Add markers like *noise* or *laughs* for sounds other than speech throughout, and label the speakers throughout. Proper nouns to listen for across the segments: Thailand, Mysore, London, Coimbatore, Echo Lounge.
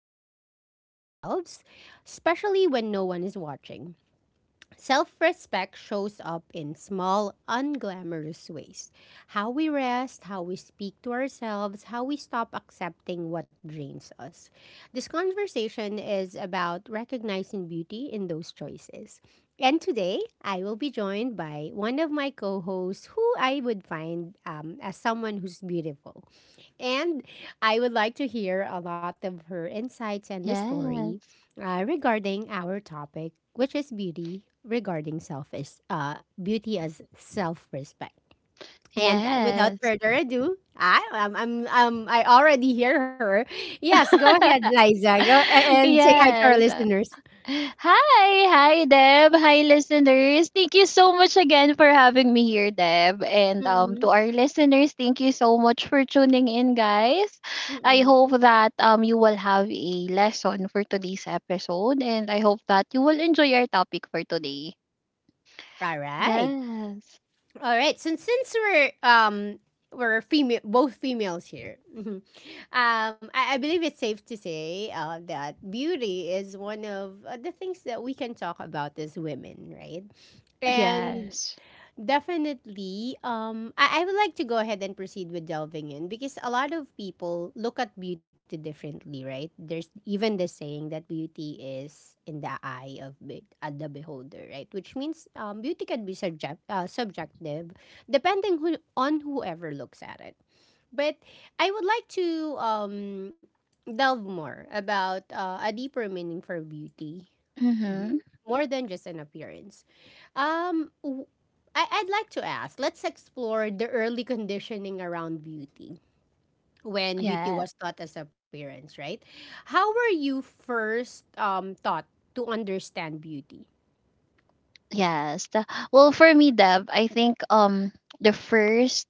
Speaker 1: show up for ourselves, especially when no one is watching. Self respect shows up in small, unglamorous ways. How we rest, how we speak to ourselves, how we stop accepting what drains us. This conversation is about recognizing beauty in those choices. And today, I will be joined by one of my co hosts who I would find as someone who's beautiful. And I would like to hear a lot of her insights and the story
Speaker 2: Yes.
Speaker 1: regarding our topic, which is beauty regarding self is beauty as self respect. And without
Speaker 2: Yes.
Speaker 1: further ado, I already hear her. Yes, go ahead,
Speaker 2: *laughs*
Speaker 1: Liza. And say hi to our
Speaker 2: Yes.
Speaker 1: listeners.
Speaker 2: Hi Deb. Hi listeners. Thank you so much again for having me here, Deb. And
Speaker 1: Mm-mm,
Speaker 2: to our listeners, thank you so much for tuning in, guys. I
Speaker 1: mm-mm.
Speaker 2: hope that you will have a lesson for today's episode, and I hope that you will enjoy our topic for today.
Speaker 1: All right.
Speaker 2: Yes.
Speaker 1: All right. So since we're female, both females here. *laughs* Mhm. I believe it's safe to say that beauty is one of the things that we can talk about as women, right? And
Speaker 2: Yes.
Speaker 1: definitely. I would like to go ahead and proceed with delving in because a lot of people look at beauty differently, right? There's even the saying that beauty is in the eye of be- the beholder, right? Which means beauty can be subjective, depending who on whoever looks at it. But I would like to delve more about a deeper meaning for beauty,
Speaker 2: Mhm.
Speaker 1: Mhm, more than just an appearance. Um, w- I'd like to ask. Let's explore the early conditioning around beauty when beauty
Speaker 2: Yes.
Speaker 1: was taught as appearance, right? How were you first taught to understand beauty?
Speaker 2: Yes. Well, for me, Deb, I think the first,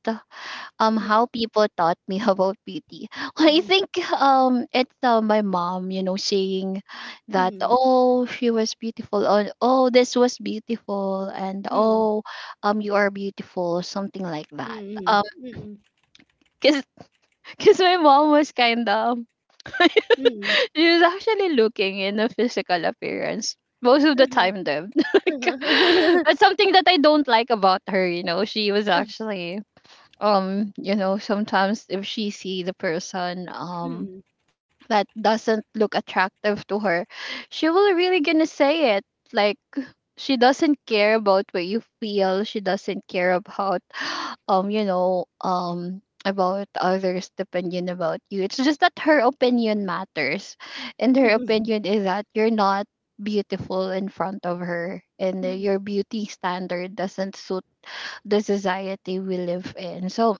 Speaker 2: how people taught me *laughs* about beauty. Well, I
Speaker 1: Mm-hmm.
Speaker 2: think it's my mom, you know, saying that,
Speaker 1: Hmm,
Speaker 2: oh, she was beautiful, or oh, this was beautiful, and oh,
Speaker 1: hmm,
Speaker 2: you are beautiful, something like that.
Speaker 1: hmm, hmm,
Speaker 2: Cause *laughs* cause my mom was kinda,
Speaker 1: hmm,
Speaker 2: *laughs* she's actually looking in a physical appearance most of the time
Speaker 1: Uh-huh.
Speaker 2: though. *laughs* Like, that's
Speaker 1: Uh-huh.
Speaker 2: something that I don't like about her, you know. She was
Speaker 1: *laughs*
Speaker 2: actually, you know, sometimes if she see the person
Speaker 1: Mm-hmm.
Speaker 2: that doesn't look attractive to her, she will really gonna say it. Like, she doesn't care about what you feel. She doesn't care about, you know, about others' opinion about you. It's just that her opinion matters, and her
Speaker 1: Mm-hmm.
Speaker 2: opinion is that you're not beautiful in front of her, and your beauty standard doesn't suit the society we live in. So,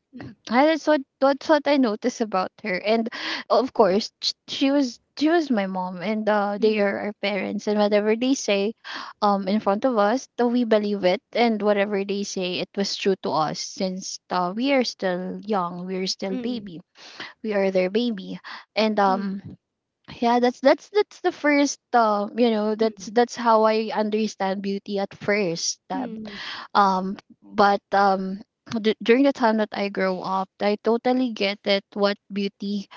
Speaker 2: that's what I noticed about her, and of course she was my mom, and they
Speaker 1: Mm-hmm. hmm,
Speaker 2: are our parents, and whatever they say, in front of us, though we believe it, and whatever they say, it was true to us since we are still young, we are still
Speaker 1: hmm,
Speaker 2: baby, we are their baby, and
Speaker 1: hmm,
Speaker 2: Yeah, that's the first, you know, that's how I understand beauty at first. But during the time that I grow up, I totally get it what beauty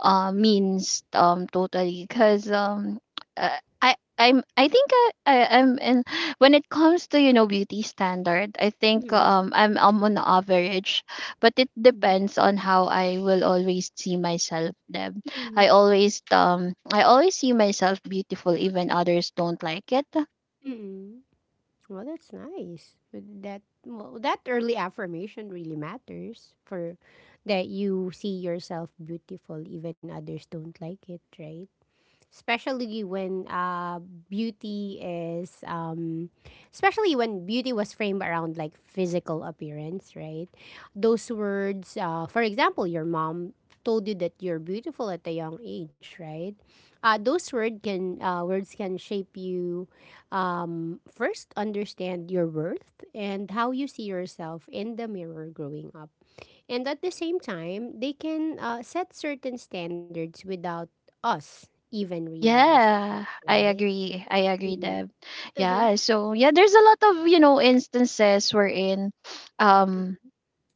Speaker 2: means, totally, because I I'm I think I I'm in, when it comes to, you know, beauty standard. I think
Speaker 1: hmm,
Speaker 2: I'm on average, but it depends on how I will always see myself. Them I
Speaker 1: hmm,
Speaker 2: always, I always see myself beautiful, even others don't like it.
Speaker 1: hmm. Well, that's nice. That early affirmation really matters for that you see yourself beautiful even others don't like it, right? Especially when beauty is especially when beauty was framed around like physical appearance, right? Those words for example, your mom told you that you're beautiful at a young age, right? Those word can Words can shape you, first understand your worth and how you see yourself in the mirror growing up, and at the same time, they can set certain standards without us even realizing it,
Speaker 2: Yeah, I
Speaker 1: right?
Speaker 2: agree. I agree,
Speaker 1: Mm-hmm.
Speaker 2: Deb.
Speaker 1: Uh-huh.
Speaker 2: Yeah, so yeah, there's a lot of, you know, instances wherein, um
Speaker 1: Mm-hmm.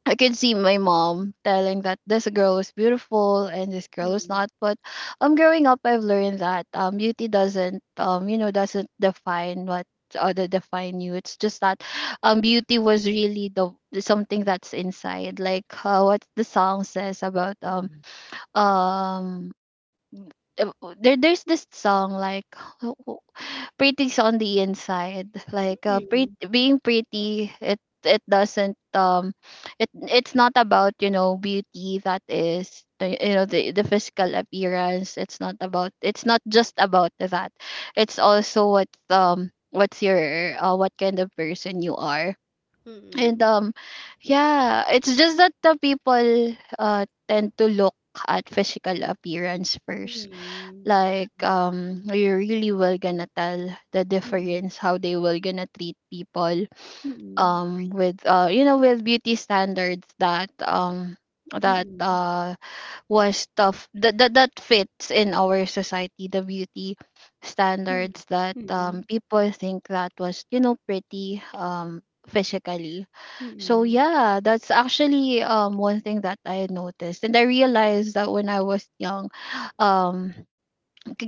Speaker 2: I could see my mom telling that this girl was beautiful and this girl was not. But growing up, I've learned that beauty doesn't, you know, doesn't define what other define you. It's just that beauty was really the something that's inside. Like, what the song says about,
Speaker 1: Mm-hmm.
Speaker 2: um there's this song like, w- w- pretty's on the inside. Like, being pretty, it doesn't, it's not about, you know, beauty, that is you know, the physical appearance. It's not about it's not just about that, it's also what, what's your, what kind of person you are. And
Speaker 1: Mm-hmm.
Speaker 2: yeah, it's just that the people tend to look at physical appearance first.
Speaker 1: Mm-hmm.
Speaker 2: Like, you really will gonna tell the difference how they will gonna treat people,
Speaker 1: Mm-hmm. Mm-hmm.
Speaker 2: with, you know, with beauty standards that, that
Speaker 1: Mm-hmm.
Speaker 2: uh was tough, that fits in our society, the beauty
Speaker 1: Mm-hmm. Mm-hmm. Mm-hmm.
Speaker 2: standards that,
Speaker 1: Mm-hmm. Mm-hmm.
Speaker 2: people think that was, you know, pretty, physically. So
Speaker 1: Mm-hmm.
Speaker 2: yeah, that's actually one thing that I noticed, and I realized that when I was young, um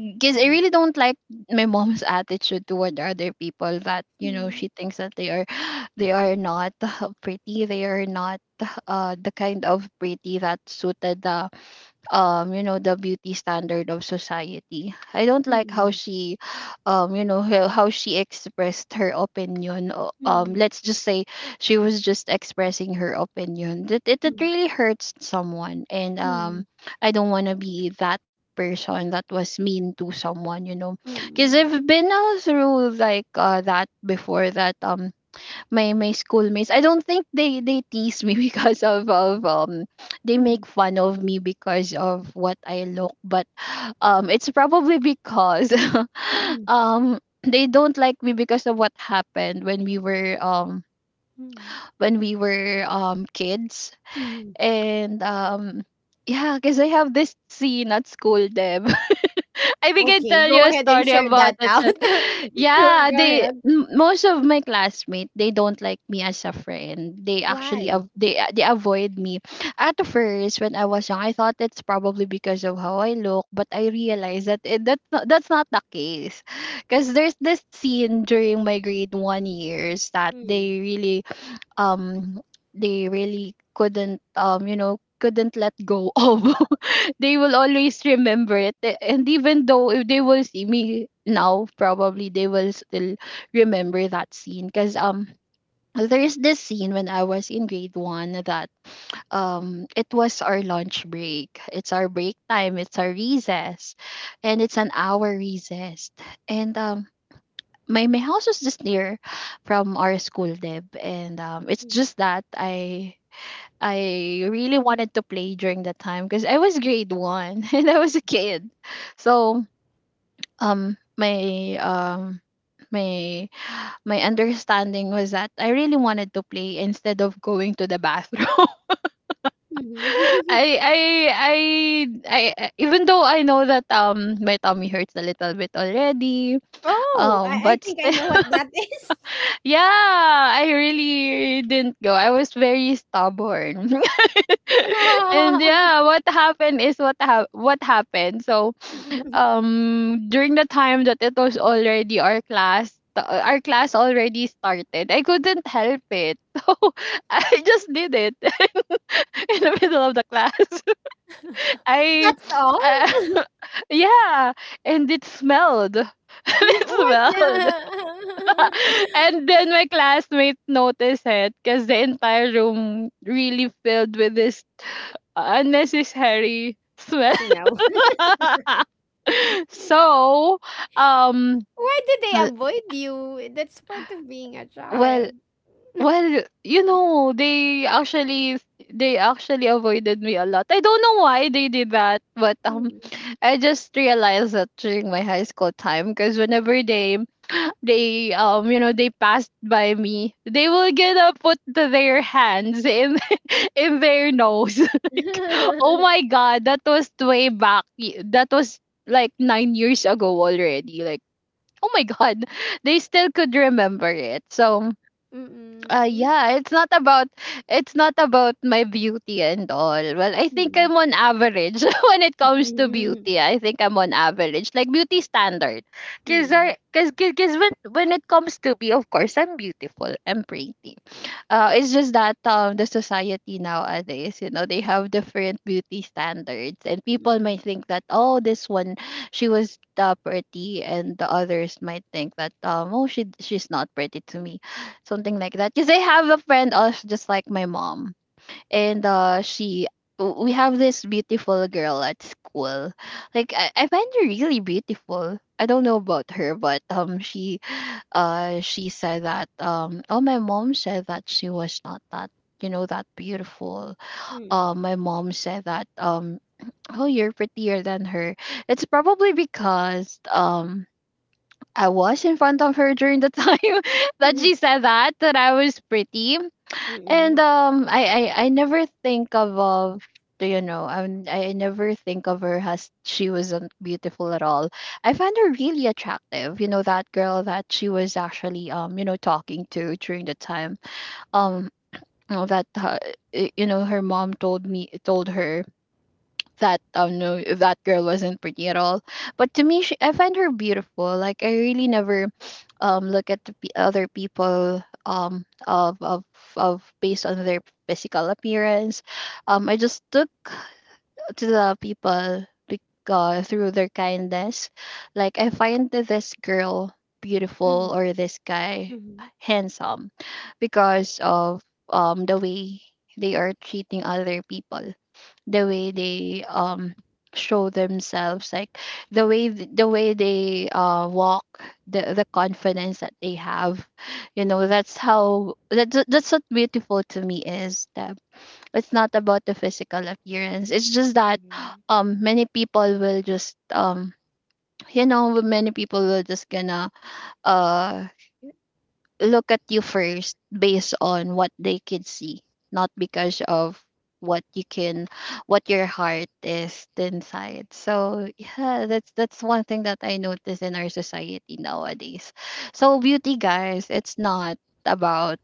Speaker 1: Mm-hmm.
Speaker 2: I really don't like my mom's *laughs* attitude toward other people. That, you know, she thinks that they are *gasps* *sighs* they are not *laughs* pretty, they are not the kind of pretty that suited the, you know, the beauty standard of society. I don't like how she, you know, how she expressed her opinion. Let's just say she was just expressing her opinion that, it really hurts someone, and I don't want to be that person that was mean to someone, you know, because I've been, through like, that before. That, my schoolmates, I don't think they tease me *laughs* because of they make fun of me because of what I look. But it's probably because *laughs*
Speaker 1: Mm-hmm.
Speaker 2: they don't like me because of what happened when we were, when we were kids.
Speaker 1: Mm-hmm.
Speaker 2: And yeah, because I have this scene at school, Deb. *laughs* I think I
Speaker 1: Okay,
Speaker 2: tell
Speaker 1: go
Speaker 2: you a
Speaker 1: ahead and
Speaker 2: story
Speaker 1: share
Speaker 2: about
Speaker 1: that
Speaker 2: it.
Speaker 1: out. *laughs*
Speaker 2: *laughs* Yeah,
Speaker 1: Go ahead.
Speaker 2: most of my classmates, they don't like me as a friend. They actually av-
Speaker 1: Why?
Speaker 2: they avoid me. At first, when I was young, I thought it's probably because of how I look, but I realized that, it, that's not the case. Because there's this scene during my grade one years that they
Speaker 1: Mm,
Speaker 2: really, um they really couldn't, you know, couldn't let go of. *laughs* They will always remember it. And even though if they will see me now, probably they will still remember that scene, because there is this scene when I was in grade one that, it was our lunch break. It's our break time, it's our recess. And it's an hour recess. And my house was just near from our school, Deb. And it's
Speaker 1: mm, mhm.
Speaker 2: just that I really wanted to play during that time, because I was grade one *laughs* and I was a kid. So, um my um my my understanding was that I really wanted to play instead of going to the bathroom. *laughs* I,
Speaker 1: *laughs*
Speaker 2: I Even though I know that, my tummy hurts a little bit already,
Speaker 1: Oh, I
Speaker 2: but
Speaker 1: think I know what that is.
Speaker 2: yeah, I really didn't go. I was very stubborn. *laughs* And
Speaker 1: *laughs*
Speaker 2: yeah, what happened is what happened. So, during the time that it was already our class, our class already started. I couldn't help it. *laughs* So, I just did it *laughs* in the middle of the class. *laughs* I
Speaker 1: That's all?
Speaker 2: uh,
Speaker 1: *laughs*
Speaker 2: *laughs* yeah, and it smelled. *laughs* It
Speaker 1: What
Speaker 2: smelled.
Speaker 1: the
Speaker 2: *laughs* And then my classmates noticed it because the entire room really filled with this unnecessary
Speaker 1: *laughs*
Speaker 2: smell.
Speaker 1: smell?
Speaker 2: *laughs* So, um,
Speaker 1: Why do they
Speaker 2: uh,
Speaker 1: avoid you? That's part of being a
Speaker 2: well,
Speaker 1: child.
Speaker 2: well, you know, they actually avoided me a lot. I don't know why they did that, but
Speaker 1: Hmm.
Speaker 2: I just realized that during my high school time, because whenever they, you know, they passed by me, they will gonna put their hands in *laughs* in their nose. *laughs* Like, oh
Speaker 1: *laughs*
Speaker 2: my god, that was way back. That was like 9 years ago already. Like, oh my god, they still could remember it. So, yeah, it's not about my beauty and all. Well, I think I'm
Speaker 1: Mm.
Speaker 2: on average *laughs* when it comes to
Speaker 1: Mm.
Speaker 2: beauty. I think I'm on average, like, beauty standard. because
Speaker 1: Hmm.
Speaker 2: I, because because when it comes to me, of course I'm beautiful, I'm pretty. It's just that, the society nowadays, you know, they have different beauty standards, and people
Speaker 1: Hmm.
Speaker 2: might think that, oh, this one, she was pretty, and the others might think that, oh, she's not pretty to me, something like that. Because I have a friend also just like my mom, and we have this beautiful girl at school. Like, I find her really beautiful. I don't know about her, but she said that, oh, my mom said that she was not that, you know, that beautiful. My mom said that, oh, you're prettier than her. It's probably because, I was in front of her during the time *laughs* that
Speaker 1: Hmm.
Speaker 2: she said that that I was pretty. And I never think of, you know, I never think of her as she wasn't beautiful at all. I found her really attractive. You know that girl that she was actually talking to during the time um you know, that uh, you know, her mom told me told her that no, that girl wasn't pretty at all. But to me, I find her beautiful. Like I really never *sniffs* look at the other people of based on their physical appearance. I just look to the people through their kindness. Like I find that this girl beautiful or this guy
Speaker 1: Hmm. Hmm. Hmm.
Speaker 2: handsome because of the way they are treating other people, the way they show themselves, like the way the way they walk, the confidence that they have. You know, that's how that's what beautiful to me is. That It's not about the physical appearance. It's just that many people will just many people will just gonna uh look at you first based on what they can see, not because of what you can what your heart is inside. So yeah, that's one thing that I notice in our society nowadays. So beauty, guys, it's not about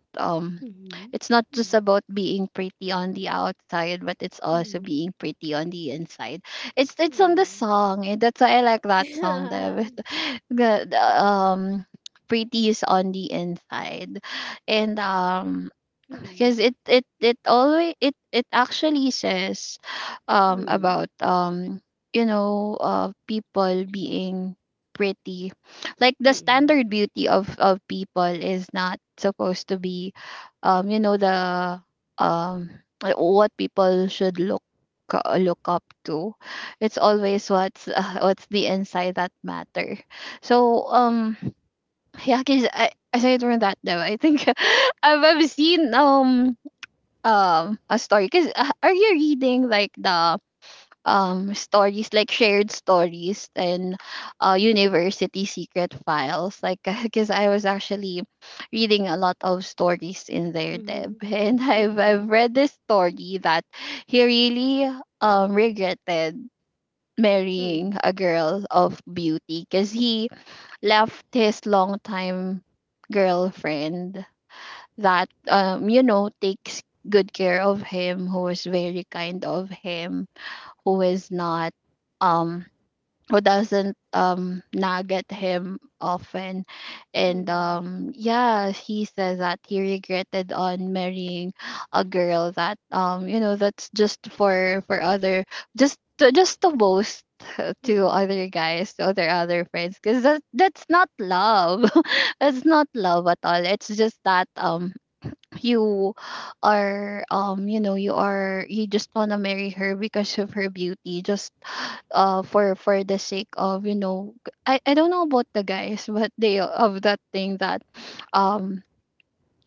Speaker 1: Hmm. Hmm. Mhm. Mhm.
Speaker 2: it's not just about being pretty on the outside, but it's also
Speaker 1: Mhm.
Speaker 2: being pretty on the inside. It's on the
Speaker 1: Mhm.
Speaker 2: song, and that's why I like that song,
Speaker 1: *laughs*
Speaker 2: David. *laughs* The Pretty is on the inside. And *clears throat* Because
Speaker 1: Mm-mm.
Speaker 2: it always it it actually says um
Speaker 1: Mm,
Speaker 2: about um people being pretty, like the
Speaker 1: mm,
Speaker 2: standard beauty of people is not supposed to be you know the um like what people should look up to. It's always what's *laughs* what's the inside that matter. So *laughs* yeah, cause I said learned that though, I think. *laughs* I've seen a story. Cause are you reading like the stories, like shared stories and university secret files? Like, *laughs* cause I was actually reading a lot of stories in there, Deb,
Speaker 1: mhm,
Speaker 2: *laughs* and
Speaker 1: mm,
Speaker 2: I've
Speaker 1: mm,
Speaker 2: read this story that he really regretted
Speaker 1: mm,
Speaker 2: marrying a girl of beauty because he left his longtime girlfriend that takes good care of him, who is very kind of him, who is not um who doesn't nag at him often. And Yeah, he says that he regretted on marrying a girl that that's just for other, just to boast *laughs* to
Speaker 1: mm,
Speaker 2: other guys, to other friends. Because that's not love. *laughs* It's not love at all. It's just that you are you are, you just want to marry her because of her beauty, just for the sake of, you know, I don't know about the guys. *laughs* But they have that thing that um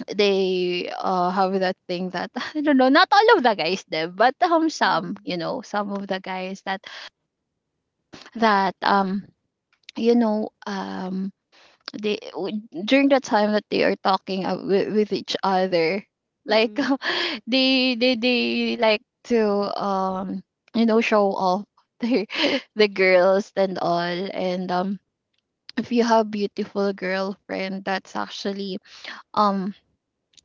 Speaker 2: they have that thing that, *laughs* I don't know, not all of the guys there, but some, you
Speaker 1: mm,
Speaker 2: know, some of the guys that that um you know um they during the time that they are talking with each other, like,
Speaker 1: mm,
Speaker 2: *laughs* they like to um show off *laughs* their the girls and all. And If you have beautiful girlfriend, that's actually um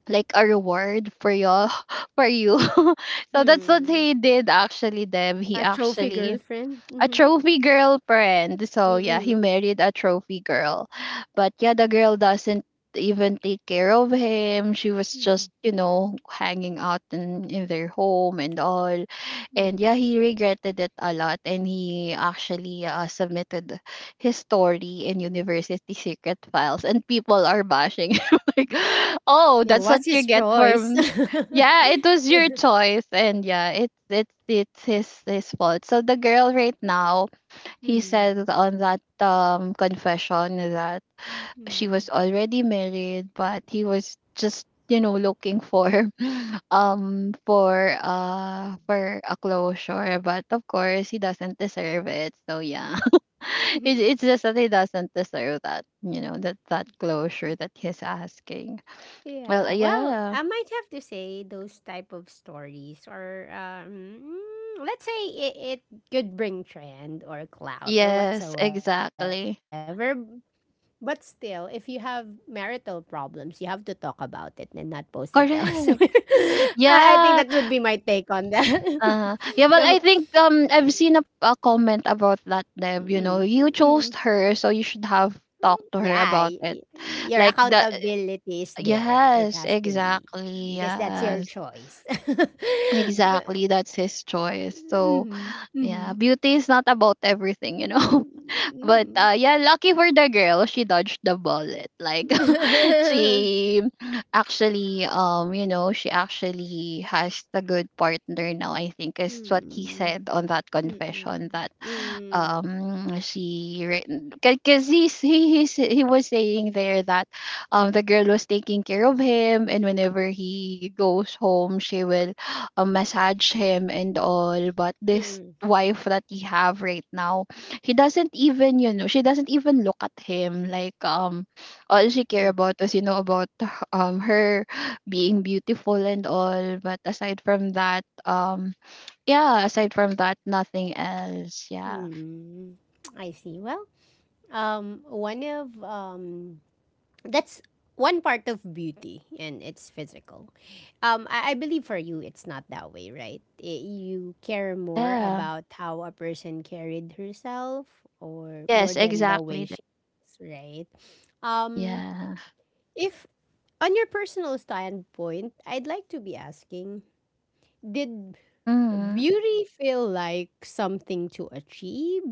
Speaker 2: like a reward for you *laughs* for you. *laughs* So that's what
Speaker 1: mm.
Speaker 2: he did actually, Deb. He
Speaker 1: A trophy
Speaker 2: actually
Speaker 1: girlfriend?
Speaker 2: a
Speaker 1: Mm-hmm.
Speaker 2: trophy girlfriend. So yeah,
Speaker 1: Mm-mm.
Speaker 2: he married a trophy girl. But yeah, the girl doesn't even take care of him. She was
Speaker 1: Mm,
Speaker 2: just, you know, hanging out in their home and all. And yeah,
Speaker 1: mm.
Speaker 2: he regretted it a lot, and he actually submitted his story in University Secret Files, and people are bashing *laughs* him like, "Oh,
Speaker 1: It
Speaker 2: that's what
Speaker 1: was
Speaker 2: you
Speaker 1: his
Speaker 2: get
Speaker 1: choice.
Speaker 2: for"
Speaker 1: *laughs*
Speaker 2: yeah, it was your choice, and yeah, it's his fault. So the girl right now, he
Speaker 1: Mm,
Speaker 2: says on that confession that she
Speaker 1: mm.
Speaker 2: was already married, but he was just, you know, looking for *laughs* for a closure, but of course he doesn't deserve it. So yeah, *laughs*
Speaker 1: Mhm.
Speaker 2: it's just that he doesn't deserve that, you know, that closure that he's asking. Well
Speaker 1: Yeah, well,
Speaker 2: yeah,
Speaker 1: I might have to say those type of stories, or let's say it, it could bring trend or clout or
Speaker 2: yes,
Speaker 1: whatsoever.
Speaker 2: exactly.
Speaker 1: But still, if you have marital problems, you have to talk about it and not post it elsewhere. *laughs*
Speaker 2: Correct.
Speaker 1: I think that would be my
Speaker 2: Yeah.
Speaker 1: take on that. *laughs* No.
Speaker 2: Yeah, well, I think I've seen a comment about that,
Speaker 1: Mm-mm.
Speaker 2: Deb. You know, you
Speaker 1: Mm-mm.
Speaker 2: chose her, so you should have talked to her
Speaker 1: Yeah,
Speaker 2: about it.
Speaker 1: your
Speaker 2: Like the
Speaker 1: accountability is there. It
Speaker 2: yes,
Speaker 1: has to be
Speaker 2: exactly.
Speaker 1: because that's your
Speaker 2: Yes.
Speaker 1: choice. *laughs* But,
Speaker 2: Exactly. That's his choice. So
Speaker 1: mm-hmm, mm-hmm.
Speaker 2: yeah, beauty is not about everything, you know. But
Speaker 1: Mm-mm.
Speaker 2: yeah, lucky for the girl, she dodged the bullet. Like *laughs*
Speaker 1: *laughs*
Speaker 2: she actually, you know, she actually has a good partner now, I think, is what he
Speaker 1: Mm-mm.
Speaker 2: said on that
Speaker 1: Mm-mm.
Speaker 2: confession. That
Speaker 1: Mm-mm.
Speaker 2: she, because he was saying there that the girl was taking care of him, and whenever he goes home, she will massage him and all. But this
Speaker 1: Mm-mm.
Speaker 2: wife that he have right now, he doesn't even, you know, she doesn't even look at him. Like, all she care
Speaker 1: *laughs*
Speaker 2: about was, you know, about her *sighs* being beautiful and all. But aside from that, yeah, aside from that, nothing else. Yeah.
Speaker 1: Hmm. I see. Well, one of that's one part of beauty, and it's physical. I believe for you, it's not that way, right? I- you care more
Speaker 2: Yeah.
Speaker 1: about how a person carried herself, or more
Speaker 2: Yes,
Speaker 1: than the way
Speaker 2: exactly, Deb.
Speaker 1: she is, right? Um,
Speaker 2: Yeah.
Speaker 1: if on your personal standpoint, I'd like to be asking, did
Speaker 2: Hmm.
Speaker 1: beauty feel like something to achieve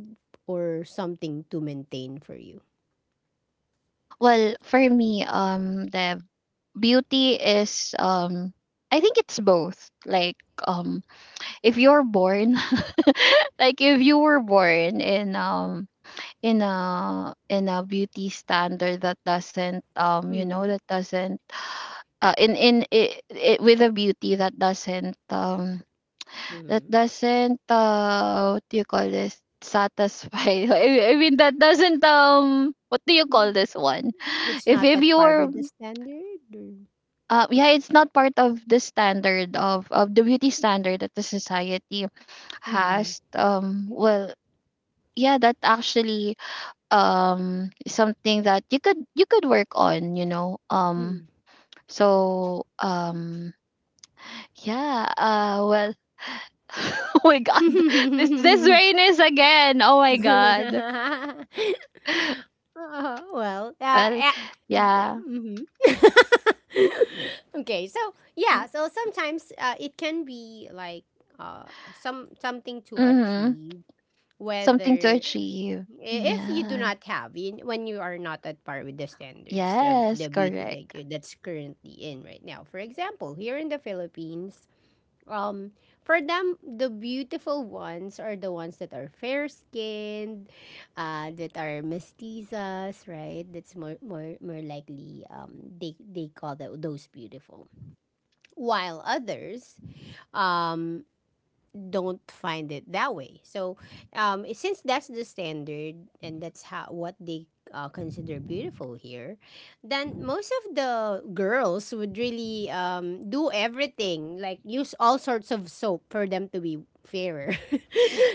Speaker 1: or something to maintain for you?
Speaker 2: Well, for me, Deb, beauty is I think it's both. Like um if you're born *laughs* like if you were born in a beauty standard that doesn't
Speaker 1: Hmm.
Speaker 2: that doesn't in it, it with a beauty that
Speaker 1: Hmm.
Speaker 2: doesn't what do you call this, satisfy. *laughs* I mean, that doesn't what do you call
Speaker 1: Mm.
Speaker 2: this one, *laughs*
Speaker 1: It's not
Speaker 2: if
Speaker 1: at
Speaker 2: you
Speaker 1: par
Speaker 2: were
Speaker 1: with the standard. Or...
Speaker 2: yeah, it's not part of the standard of the beauty standard that the society
Speaker 1: Mm-hmm.
Speaker 2: has. Well, yeah, that actually something that you could work on, you know. So um yeah. Well, *laughs* oh my god, *laughs* this
Speaker 1: Mm-hmm.
Speaker 2: rain is again, oh
Speaker 1: *laughs*
Speaker 2: my god.
Speaker 1: Well,
Speaker 2: Well, yeah.
Speaker 1: mm-hmm. *laughs* Okay, so yeah, so sometimes it can be like something to
Speaker 2: Mm-hmm.
Speaker 1: achieve,
Speaker 2: Something to
Speaker 1: whether
Speaker 2: achieve,
Speaker 1: if you do
Speaker 2: yeah.
Speaker 1: not have in when you are not at par with the standards of
Speaker 2: Yes,
Speaker 1: the beauty that
Speaker 2: correct.
Speaker 1: you, that's currently in right now, for example here in the Philippines, um for them the beautiful ones are the ones that are fair skinned, that are mestizas, right? That's more likely, they call those beautiful, while others um don't find it that way. So, since that's the standard and that's how what they consider beautiful here, then most of the girls would really do everything, like use all sorts of soap for them to be fairer, *laughs*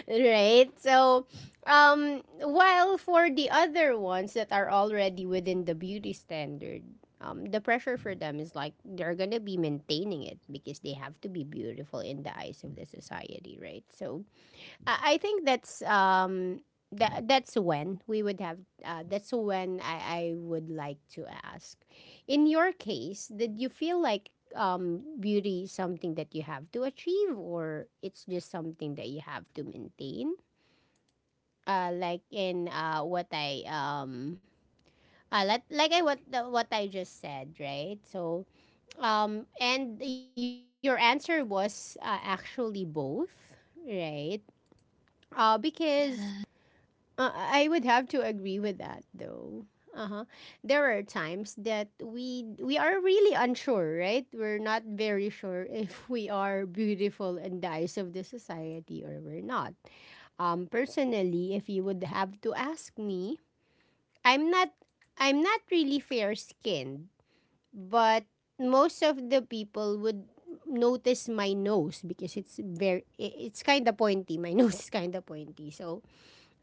Speaker 1: right? So, while for the other ones that are already within the beauty standard, the pressure for them is like they're gonna be maintaining it because they have to be beautiful in the eyes of the society, right? So I think that's when we would have that's when I would like to ask. In your case, did you feel like beauty is something that you have to achieve or it's just something that you have to maintain? Like in what I like I what the, what I just said, right? So and your answer was actually both, right? Because I would have to agree with that, though. Uh huh. There are times that we are really unsure, right? We're not very sure *laughs* if we are beautiful in the eyes of the society or we're not. Personally, if you would have to ask me, I'm not I'm not really fair skinned, but most of the people would notice my nose because it's kind of pointy, my *laughs* nose is kind of pointy, so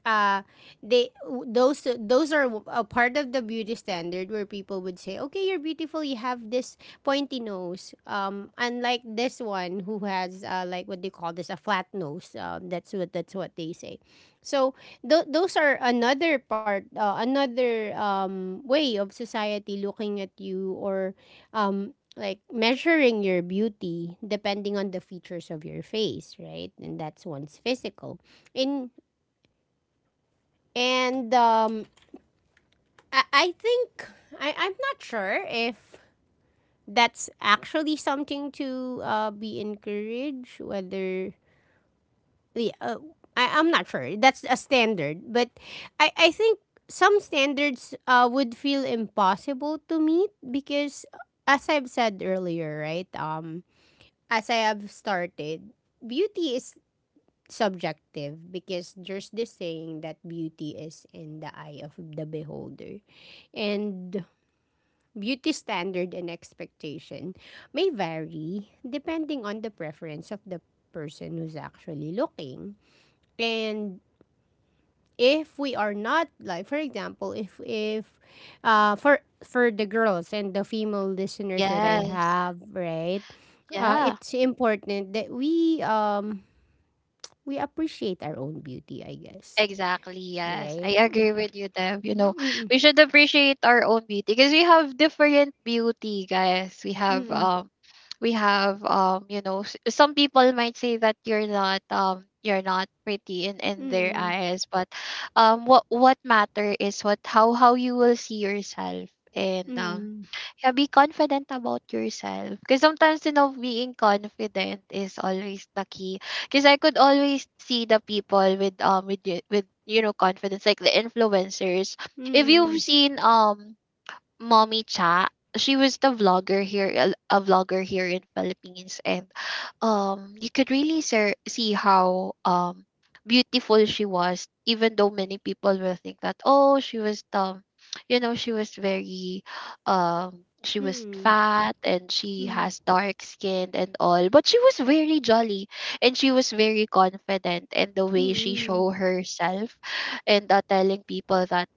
Speaker 1: uh they those are a part of the beauty standard where people would say okay you're beautiful, you have this pointy nose, unlike this one who has like what they call this, a flat nose, that's what they say. So those are another part, another way of society looking at you or like measuring your beauty depending on the features of your face, right? And that's one's physical in, and I think I'm not sure if that's actually something to be encouraged. Whether yeah, I'm not sure. That's a standard, but I think some standards would feel impossible to meet because, as I've said earlier, right? As I have started, beauty is subjective because there's this saying that beauty is in the eye of the beholder. And beauty standard and expectation may vary depending on the preference of the person who's actually looking. And if we are not like for example if for for the girls and the female listeners that I
Speaker 2: Yes.
Speaker 1: have, right?
Speaker 2: Yeah.
Speaker 1: It's important that we appreciate our own beauty, I guess.
Speaker 2: Exactly, yes.
Speaker 1: Right?
Speaker 2: I agree with you, Deb. You know,
Speaker 1: Mm,
Speaker 2: we should appreciate our own beauty, because we have different beauty, guys. We have
Speaker 1: mm,
Speaker 2: you know, some people might say that you're not pretty in their
Speaker 1: mm,
Speaker 2: eyes, but what matter is what how you will see yourself.
Speaker 1: mm,
Speaker 2: And
Speaker 1: mm,
Speaker 2: Yeah, be confident about yourself, because sometimes, you know, being confident is always the key, because I could always see the people with you know, confidence, like the influencers. If you've
Speaker 1: mm,
Speaker 2: seen Mommy Cha. She was the vlogger here, a vlogger here in Philippines, and you could really see how beautiful she was. Even though many people will think that oh, she was you know, she was very she was
Speaker 1: mm,
Speaker 2: fat and she
Speaker 1: mm,
Speaker 2: has dark skin and all, but she was very jolly, and she was very confident, and the way she show herself, and telling people that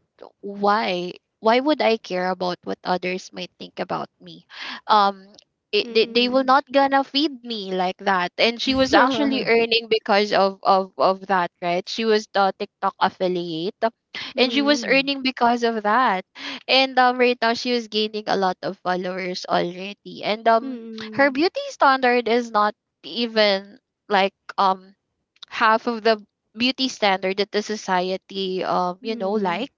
Speaker 2: why why would I care about what others might think about me? Um, they, will
Speaker 1: mm.
Speaker 2: not gonna feed me like that. And she was actually earning because of of that, right? She was the TikTok affiliate, and she was
Speaker 1: Mm,
Speaker 2: earning because of that. And right now she was gaining a lot of followers already. And her
Speaker 1: mm,
Speaker 2: beauty standard is not even like half of the beauty standard that the society, you know, like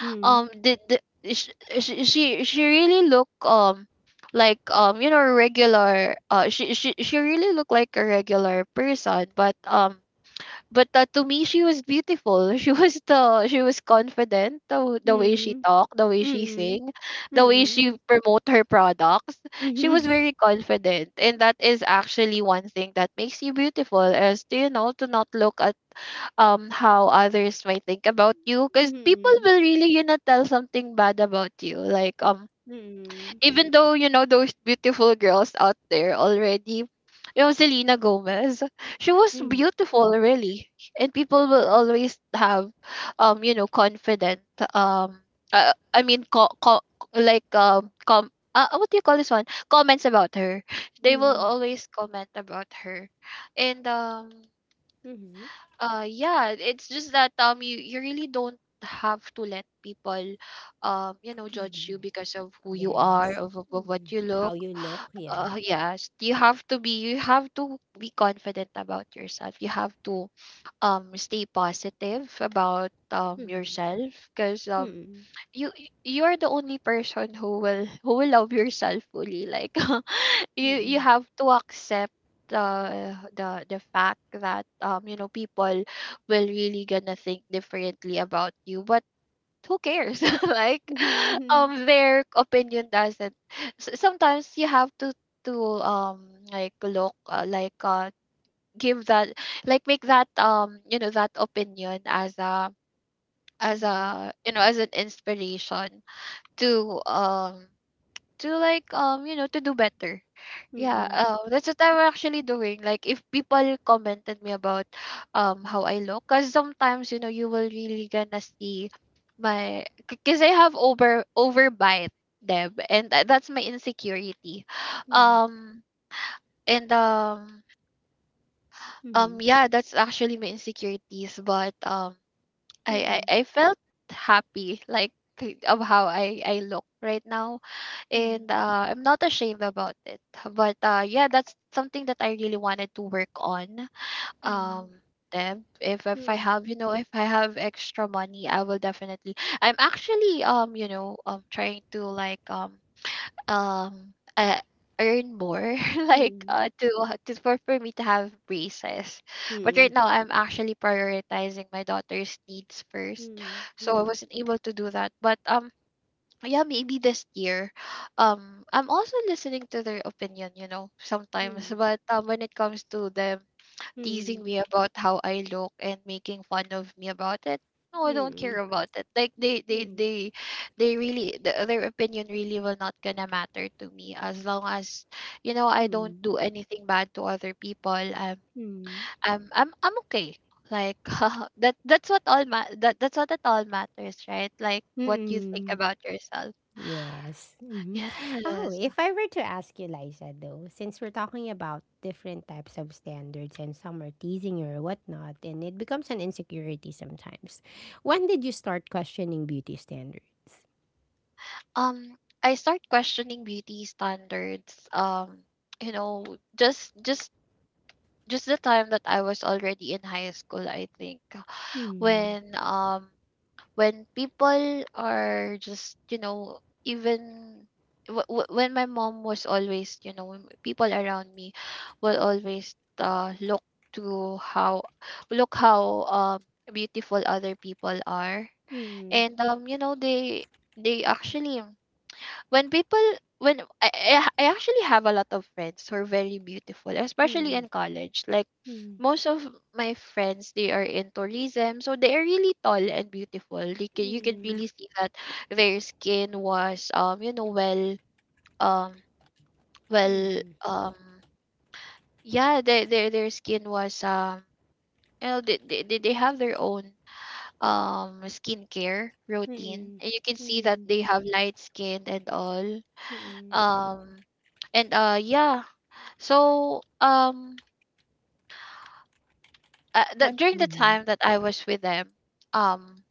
Speaker 1: mm,
Speaker 2: the she really look like you know, regular. She really looked like a regular person, but to me, she was beautiful. *laughs* She was the, she was confident, the way she talked, the way
Speaker 1: mm,
Speaker 2: she
Speaker 1: mm,
Speaker 2: sing,
Speaker 1: mm,
Speaker 2: the way
Speaker 1: mm,
Speaker 2: she promote her products. She was
Speaker 1: *laughs*
Speaker 2: very confident, and that is actually one thing that makes you beautiful, is to, you know, to not look at how others might think about you, because people
Speaker 1: mhm,
Speaker 2: will really, you know, tell something bad about you, like,
Speaker 1: mm, mm,
Speaker 2: even though, you know, those beautiful girls out there already, you know, Selena Gomez, she was beautiful, really, and people will always have you know, confident, um I mean co- co- like com what do you call this one, comments about her.
Speaker 1: mm,
Speaker 2: They will
Speaker 1: mm,
Speaker 2: always comment about her. And
Speaker 1: mhm,
Speaker 2: Yeah, it's just that you, you really don't have to let people you know, judge
Speaker 1: mhm.
Speaker 2: you because of who you are,
Speaker 1: Yes.
Speaker 2: of what
Speaker 1: Mhm.
Speaker 2: you look.
Speaker 1: How you look, yeah.
Speaker 2: Yes, you have to be, you have to be confident about yourself. You have to stay positive about
Speaker 1: Mhm,
Speaker 2: yourself, because
Speaker 1: mhm,
Speaker 2: you you're the only person who will love yourself fully, like *laughs* you
Speaker 1: mhm,
Speaker 2: have to accept the the fact that you know, people will really gonna think differently about you, but who cares? *laughs* Like
Speaker 1: mhm,
Speaker 2: their opinion doesn't, sometimes you have to like look like give that, like make that you know, that opinion as a, as
Speaker 1: mhm,
Speaker 2: a you know, as an inspiration to, um to like, you know, to do better. Yeah,
Speaker 1: mhm,
Speaker 2: that's what I'm actually doing. Like, if people commented me about, how I look, because sometimes, you know, you will really gonna see my, because I have overbite, Deb, and that's my insecurity.
Speaker 1: mhm, mhm,
Speaker 2: Um, and
Speaker 1: mhm,
Speaker 2: yeah, that's actually my insecurities. But
Speaker 1: mhm,
Speaker 2: I felt happy, like of how I look right now,
Speaker 1: mhm.
Speaker 2: and I'm not ashamed about it. But yeah, that's something that I really wanted to work on.
Speaker 1: Hmm.
Speaker 2: Um, Deb, if I
Speaker 1: Hmm.
Speaker 2: have if I have extra money, I will definitely. I'm actually trying to like um uh, earn more *laughs* like
Speaker 1: Hmm.
Speaker 2: to for me to have braces, but
Speaker 1: Hmm.
Speaker 2: right now I'm actually prioritizing my daughter's needs first, so I
Speaker 1: Hmm.
Speaker 2: wasn't able to do that. But yeah, maybe this year. I'm also listening to their opinion, you know, sometimes.
Speaker 1: Hmm.
Speaker 2: But when it comes to them
Speaker 1: Hmm. Hmm.
Speaker 2: teasing me about how I look and making fun of me about it, no, I don't
Speaker 1: Hmm.
Speaker 2: care about it. Like they,
Speaker 1: Hmm.
Speaker 2: they, they, they really, their opinion really will not gonna matter to me as long as, you know, I don't
Speaker 1: Hmm.
Speaker 2: do anything bad to other people. I'm,
Speaker 1: Hmm.
Speaker 2: I'm, I'm, I'm okay. Like *laughs* that's what it all matters, right? Like what you think
Speaker 1: Hmm.
Speaker 2: about yourself.
Speaker 1: Yes. Hmm. Oh,
Speaker 2: Yes.
Speaker 1: if I were to ask you, Liza, though, since we're talking about different types of standards and some are teasing or whatnot, and it becomes an insecurity sometimes, when did you start questioning beauty standards?
Speaker 2: Um, I start questioning beauty standards. You know, just just just the time that I was already in high school, I think,
Speaker 1: Hmm.
Speaker 2: when um when people are just, you know, even when my mom was always, you know, when people around me will always look to how look how beautiful other people are.
Speaker 1: Hmm.
Speaker 2: And they actually when people when I actually have a lot of friends who are very beautiful, especially
Speaker 1: Hmm.
Speaker 2: in college. Like
Speaker 1: Hmm.
Speaker 2: most of my friends, they are in tourism, so they are really tall and beautiful. You can
Speaker 1: Hmm.
Speaker 2: really see that their skin was um well
Speaker 1: Hmm.
Speaker 2: um yeah, their skin was, they have their own skincare routine,
Speaker 1: Hmm.
Speaker 2: and you can see that
Speaker 1: Hmm.
Speaker 2: they have light skin and all.
Speaker 1: Mm-mm.
Speaker 2: Um and so um
Speaker 1: What?
Speaker 2: that during the
Speaker 1: Mm-hmm.
Speaker 2: time that I was with them, um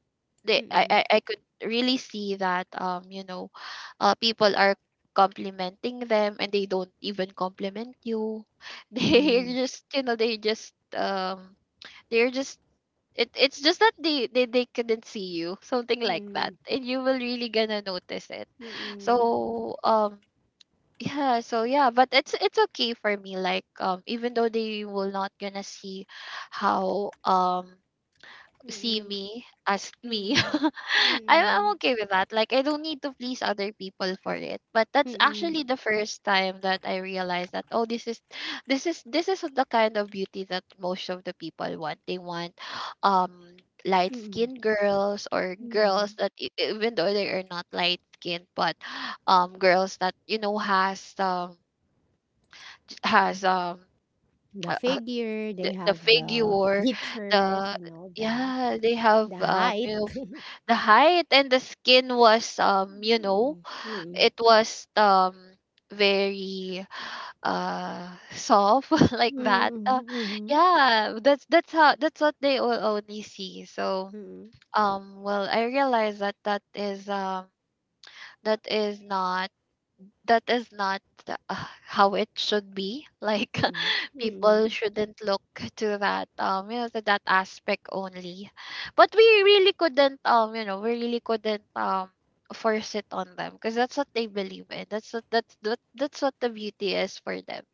Speaker 2: they
Speaker 1: Mm-mm.
Speaker 2: I could really see that, people are complimenting them and they don't even compliment you. *laughs* they're
Speaker 1: Mm-mm.
Speaker 2: just you know they just um they're just it it's just that they couldn't see you, something like that,
Speaker 1: Mm-mm.
Speaker 2: and you will really gonna notice it. So um Yeah, so yeah, but it's okay for me. Like even though they will not gonna see how see
Speaker 1: Mm-mm.
Speaker 2: me as
Speaker 1: Mm-mm.
Speaker 2: me.
Speaker 1: Mm-mm.
Speaker 2: *laughs* I'm
Speaker 1: Mm-mm.
Speaker 2: okay with that. Like, I don't need to please other people for it. But that's
Speaker 1: Mm-mm.
Speaker 2: actually the first time that I realized that, oh, this is the kind of beauty that most of the people want. They want, um, light
Speaker 1: Mm-mm.
Speaker 2: skinned girls, or
Speaker 1: Mm-mm.
Speaker 2: girls that, even though they are not light skinned, but, girls that, you know, has,
Speaker 1: The
Speaker 2: *tsk* uh, uh,
Speaker 1: figure, they have
Speaker 2: the
Speaker 1: the
Speaker 2: figure,
Speaker 1: features
Speaker 2: the,
Speaker 1: and all that.
Speaker 2: yeah, they have,
Speaker 1: The height.
Speaker 2: the height, and the skin was,
Speaker 1: Mm-mm. Mm-mm.
Speaker 2: it was very soft *laughs* like that.
Speaker 1: Mm-mm.
Speaker 2: Yeah, that's what they will only see.
Speaker 1: Mm-mm.
Speaker 2: Well, I realized that that is not that is not uh, how it should be like.
Speaker 1: Mm-mm.
Speaker 2: *laughs* People
Speaker 1: Mm-mm.
Speaker 2: shouldn't look to that aspect only, but we really couldn't, force it on them, because that's what they believe in. That's what the beauty is for them.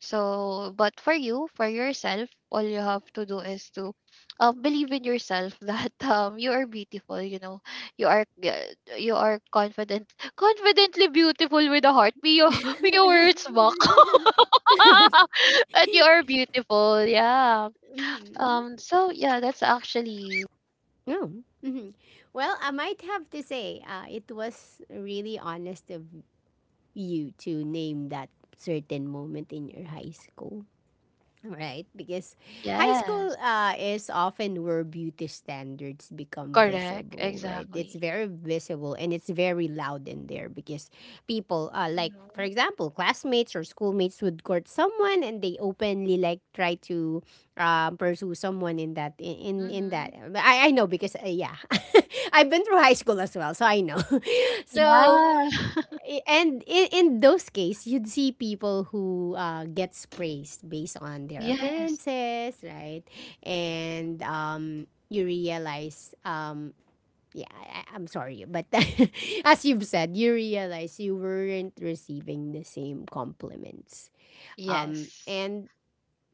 Speaker 2: So but for you, for yourself, all you have to do is to believe in yourself. *laughs* that You are beautiful, you know. you are uh, you are confident, confidently beautiful with a heart. Mio, *laughs* Mio words back. *laughs*
Speaker 1: *laughs*
Speaker 2: But you are beautiful. Yeah.
Speaker 1: Mm-mm.
Speaker 2: So yeah, that's actually
Speaker 1: Oh. Hmm. Well, I might have to say, it was really honest of you to name that certain moment in your high school. Right? Because high
Speaker 2: yes.
Speaker 1: school is often where beauty standards become
Speaker 2: Correct.
Speaker 1: visible, right? It's
Speaker 2: Exactly.
Speaker 1: very visible and it's very loud in there because people, like, for
Speaker 2: Mm-hmm.
Speaker 1: example, classmates or schoolmates would court someone and they openly, like, try to pursue someone in that, in
Speaker 2: Mm-hmm.
Speaker 1: that. I know because, yeah, *laughs* I've been through high school as well, so I know. *laughs* So,
Speaker 2: Yeah.
Speaker 1: I- and in those cases, you'd see people who gets praised based on
Speaker 2: *laughs*
Speaker 1: their
Speaker 2: Yes.
Speaker 1: appearances, right? And you realize, yeah, I'm sorry, but *laughs* as you've said, you realize you weren't receiving the same compliments.
Speaker 2: Yes.
Speaker 1: And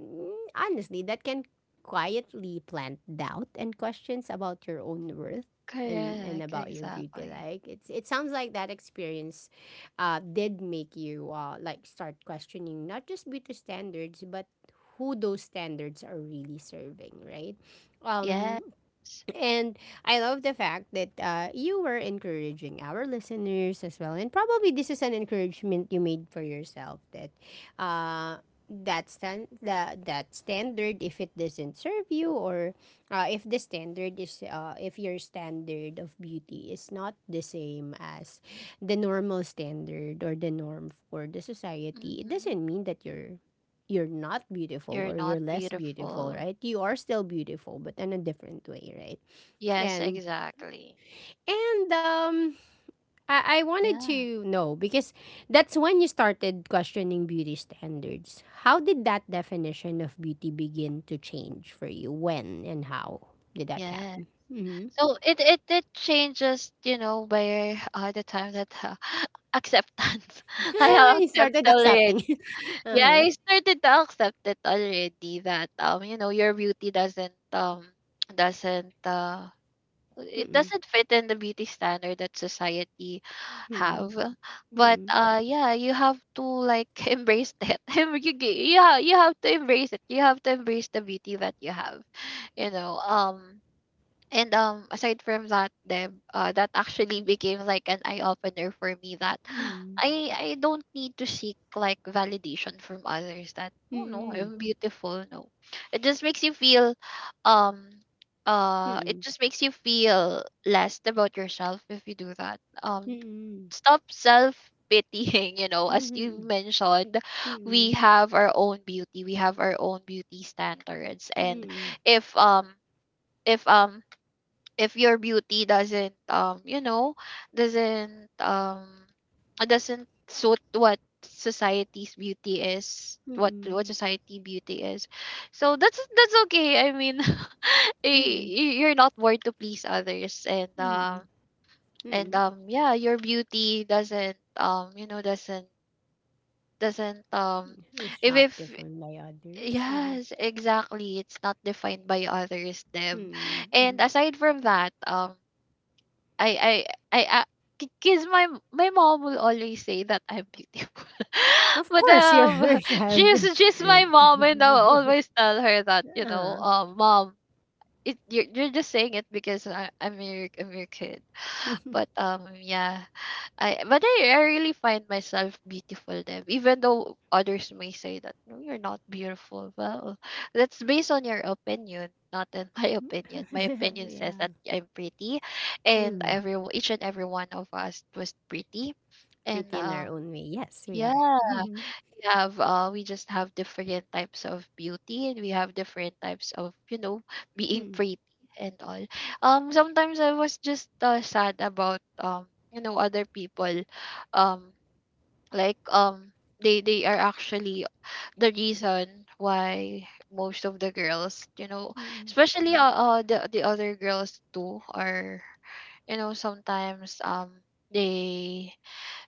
Speaker 1: mm, honestly, that can quietly plant doubt and questions about your own worth and
Speaker 2: Correct.
Speaker 1: about your beauty.
Speaker 2: Exactly.
Speaker 1: Like it sounds like that experience did make you like start questioning not just beauty standards but who those standards are really serving, right?
Speaker 2: Yes.
Speaker 1: Um, and I love the fact that you were encouraging our listeners as well. And probably this is an encouragement you made for yourself that uh, that standard, if it doesn't serve you, or if your standard of beauty is not the same as the normal standard or the norm for the society, it
Speaker 2: Mm-hmm.
Speaker 1: doesn't mean that you're not beautiful
Speaker 2: You're
Speaker 1: or you're
Speaker 2: not
Speaker 1: less beautiful,
Speaker 2: beautiful.
Speaker 1: right? You are still beautiful, but in a different way, right?
Speaker 2: Yes.
Speaker 1: And
Speaker 2: Exactly.
Speaker 1: and I wanted
Speaker 2: Yeah.
Speaker 1: to know because that's when you started questioning beauty standards. How did that definition of beauty begin to change for you? When and how did that
Speaker 2: Yes.
Speaker 1: happen? Mm-hmm.
Speaker 2: So it changes, you know, by the time that, *laughs* acceptance. *laughs* I have
Speaker 1: *laughs* You
Speaker 2: accepted
Speaker 1: started
Speaker 2: already.
Speaker 1: accepting it. *laughs*
Speaker 2: Yeah,
Speaker 1: Uh-huh.
Speaker 2: I started to accept it already that, you know, your beauty doesn't, it
Speaker 1: Mm-mm.
Speaker 2: doesn't fit in the beauty standard that society
Speaker 1: Mm-mm.
Speaker 2: have. But yeah, you have to, like, *laughs* embrace that. *laughs* You you have to embrace it. You have to embrace the beauty that you have, you know. And Aside from that, Deb, that actually became like an eye opener for me that *gasps*
Speaker 1: Mm-mm.
Speaker 2: I don't need to seek like validation from others, that, oh no, I'm beautiful. No, it just makes you feel, um, it
Speaker 1: Mm-mm.
Speaker 2: just makes you feel less about yourself if you do that. Stop self pitying. *laughs* You know,
Speaker 1: Mm-mm. Mm-mm.
Speaker 2: as you
Speaker 1: Mm-mm.
Speaker 2: mentioned,
Speaker 1: Mm-mm.
Speaker 2: we
Speaker 1: Mm-mm.
Speaker 2: have our own beauty, we have our own beauty standards, and
Speaker 1: Mm-mm.
Speaker 2: if um if um if your beauty doesn't you know doesn't um doesn't suit what society's beauty is, what society beauty is. So that's okay, I mean. *laughs*
Speaker 1: Mm-mm.
Speaker 2: You're not born to please others, and
Speaker 1: Mm-mm. Mm-mm.
Speaker 2: yeah, your beauty doesn't you know doesn't
Speaker 1: It's not
Speaker 2: if
Speaker 1: different by others.
Speaker 2: Yes, exactly, it's not defined by others, Deb.
Speaker 1: Mm,
Speaker 2: And
Speaker 1: mm.
Speaker 2: aside from that, I I because my mom will always say that I'm beautiful, *laughs*
Speaker 1: Of
Speaker 2: but
Speaker 1: course, you're *laughs* her
Speaker 2: *laughs*
Speaker 1: child.
Speaker 2: she's my
Speaker 1: Mm. *laughs*
Speaker 2: mom, and I'll always tell her that, you know,
Speaker 1: Ah.
Speaker 2: mom, it you're just saying it because I'm your kid.
Speaker 1: *laughs*
Speaker 2: But yeah, I really find myself beautiful. Them, even though others may say that, no, you're not beautiful. Well, that's based on your opinion, not in *laughs* my opinion. My opinion says that
Speaker 1: Yeah.
Speaker 2: I'm pretty, and
Speaker 1: Mm.
Speaker 2: every each and every one of us was pretty, and
Speaker 1: Pretty in our own way. Yes, we are.
Speaker 2: yeah,
Speaker 1: Mm,
Speaker 2: we just have different types of beauty, and we have different types of, *laughs* being
Speaker 1: mm,
Speaker 2: pretty and all. Sometimes I was just, sad about, other people, um like um they are actually the reason why most of the girls, you know,
Speaker 1: mm,
Speaker 2: especially, the other girls too are, you know, sometimes, they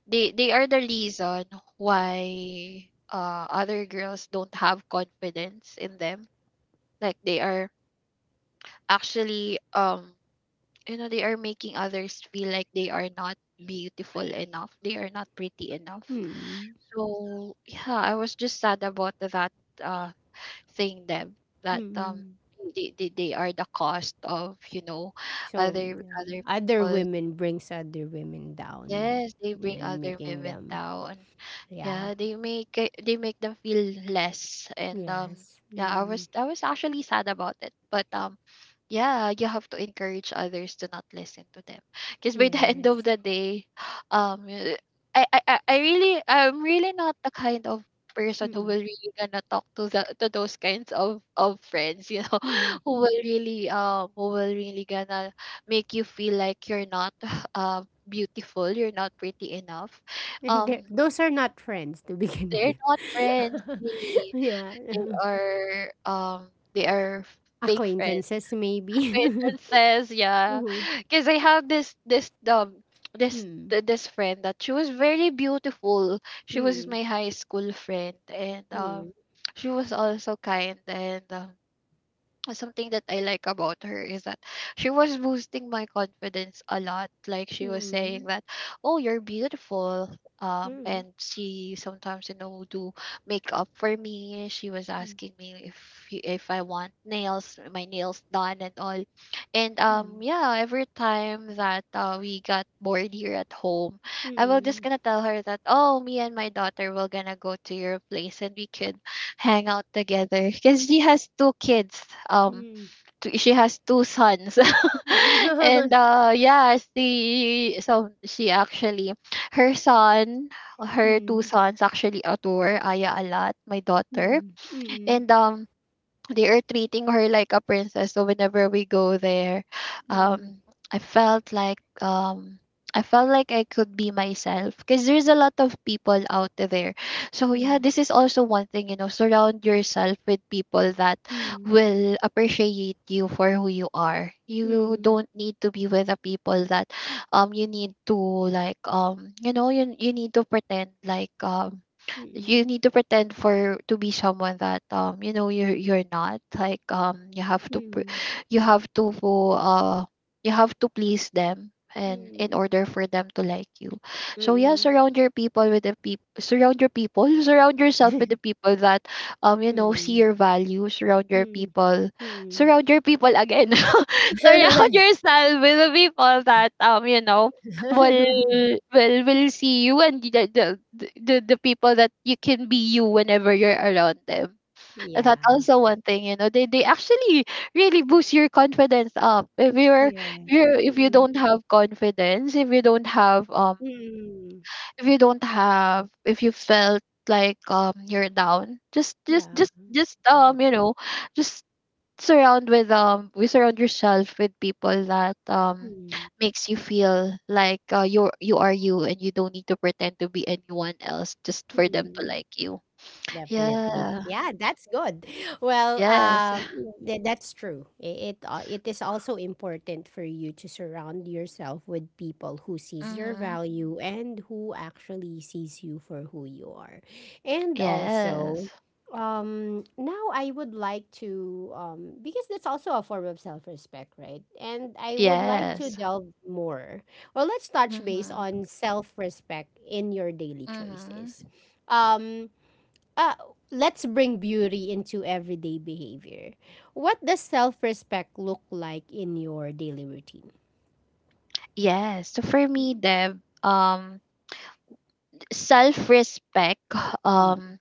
Speaker 2: they are the reason why other girls don't have confidence in them, like they are actually, they are making others feel like they are not beautiful enough, they are not pretty enough.
Speaker 1: mm,
Speaker 2: So yeah, I was just sad about that uh thing. Them that
Speaker 1: mm.
Speaker 2: they are the cost of, you know,
Speaker 1: So, yeah.
Speaker 2: other
Speaker 1: Other
Speaker 2: people.
Speaker 1: women brings other women down
Speaker 2: Yes, they bring
Speaker 1: and
Speaker 2: other
Speaker 1: making
Speaker 2: women
Speaker 1: them,
Speaker 2: down.
Speaker 1: yeah.
Speaker 2: Yeah, they make them feel less, and,
Speaker 1: Yes.
Speaker 2: yeah,
Speaker 1: Mm,
Speaker 2: I was actually sad about it, but, yeah, you have to encourage others to not listen to them, because by the *laughs* end of
Speaker 1: yes.
Speaker 2: the day, *sighs* um, y- I'm really not the kind of person who
Speaker 1: Mm,
Speaker 2: will really gonna talk to the to those kinds of friends, you know.
Speaker 1: mm.
Speaker 2: *laughs*
Speaker 1: *laughs*
Speaker 2: Who will really gonna make you feel like you're not *sighs* uh beautiful, you're not pretty enough.
Speaker 1: And
Speaker 2: um
Speaker 1: those are not friends to begin
Speaker 2: they're not
Speaker 1: with.
Speaker 2: friends,
Speaker 1: *laughs*
Speaker 2: really.
Speaker 1: Yeah.
Speaker 2: They
Speaker 1: *laughs*
Speaker 2: are um they are f- fake friends.
Speaker 1: Acquaintances maybe. *laughs*
Speaker 2: Acquaintances, yeah.
Speaker 1: Mhm.
Speaker 2: Because I have
Speaker 1: Mm.
Speaker 2: this friend that she was very beautiful. She was
Speaker 1: Mm,
Speaker 2: my high school friend, and
Speaker 1: mm,
Speaker 2: she was also kind, and something that I like about her is that she was boosting my confidence a lot. Like she was saying that, "Oh, you're beautiful."
Speaker 1: mm,
Speaker 2: And she sometimes, you know, do makeup for me. She was asking me if I want nails, my nails done and all. And
Speaker 1: mm,
Speaker 2: yeah, every time that, we got bored here at home,
Speaker 1: mm,
Speaker 2: I will just
Speaker 1: mm,
Speaker 2: gonna tell her that, "Oh, me and my daughter will gonna go to your place and we could hang out together, because she has two kids, um
Speaker 1: mm,
Speaker 2: she has two sons."
Speaker 1: *laughs* mm, mm,
Speaker 2: *laughs* And
Speaker 1: mm,
Speaker 2: yeah, she actually, her son her two sons actually adore Aya a lot, my
Speaker 1: mm,
Speaker 2: daughter,
Speaker 1: mm, mm, mm,
Speaker 2: and they are treating her like a princess. So whenever we go there,
Speaker 1: mm,
Speaker 2: um, I felt like um, I felt like I could be myself, because there's a lot of people out there. So yeah, this is also one thing, you know. Surround yourself with people that
Speaker 1: mm,
Speaker 2: will appreciate you for who you are.
Speaker 1: mm,
Speaker 2: You
Speaker 1: mm,
Speaker 2: don't need to be with the people that you need to like you need to pretend you need
Speaker 1: *laughs*
Speaker 2: to pretend for to be someone that you're not, you have to you have to uh you have to please them and in order for them to like you. So yeah, surround your people with the people, surround your people *laughs* surround yourself with the people that see
Speaker 1: mm.
Speaker 2: your value.
Speaker 1: Mm, mm,
Speaker 2: Surround your people again. *laughs* Surround yourself with the people that, well,
Speaker 1: *laughs*
Speaker 2: we will see you and the people that you can be you whenever you're around them. And that's
Speaker 1: Yeah.
Speaker 2: also one thing, they actually really boost your confidence up if you're,
Speaker 1: Yeah.
Speaker 2: if you
Speaker 1: Mm,
Speaker 2: don't have confidence, if you don't have
Speaker 1: mm.
Speaker 2: if you felt you're down,
Speaker 1: Yeah.
Speaker 2: just
Speaker 1: Mm,
Speaker 2: you know just surround with we surround yourself with people that
Speaker 1: mm,
Speaker 2: makes you feel like, you're, you are you, and you don't need to pretend to be anyone else just for them to
Speaker 1: mm.
Speaker 2: like you.
Speaker 1: Definitely.
Speaker 2: Yeah.
Speaker 1: Yeah, that's good. *laughs* Well,
Speaker 2: Yes.
Speaker 1: that's true. It is also important for you to surround yourself with people who sees your
Speaker 2: Mhm.
Speaker 1: value and who actually sees you for who you are. And also,
Speaker 2: Yes.
Speaker 1: now I would like to, because that's also a form of self-respect, right? And I would like to
Speaker 2: Yes.
Speaker 1: delve more. Well, let's touch base
Speaker 2: Mhm.
Speaker 1: on self-respect in your daily choices.
Speaker 2: Mhm.
Speaker 1: Um, uh, let's bring beauty into everyday behavior. What does self respect look like in your daily routine?
Speaker 2: Yes. So for me, Deb, self-respect, *sighs*
Speaker 1: Mm,
Speaker 2: um,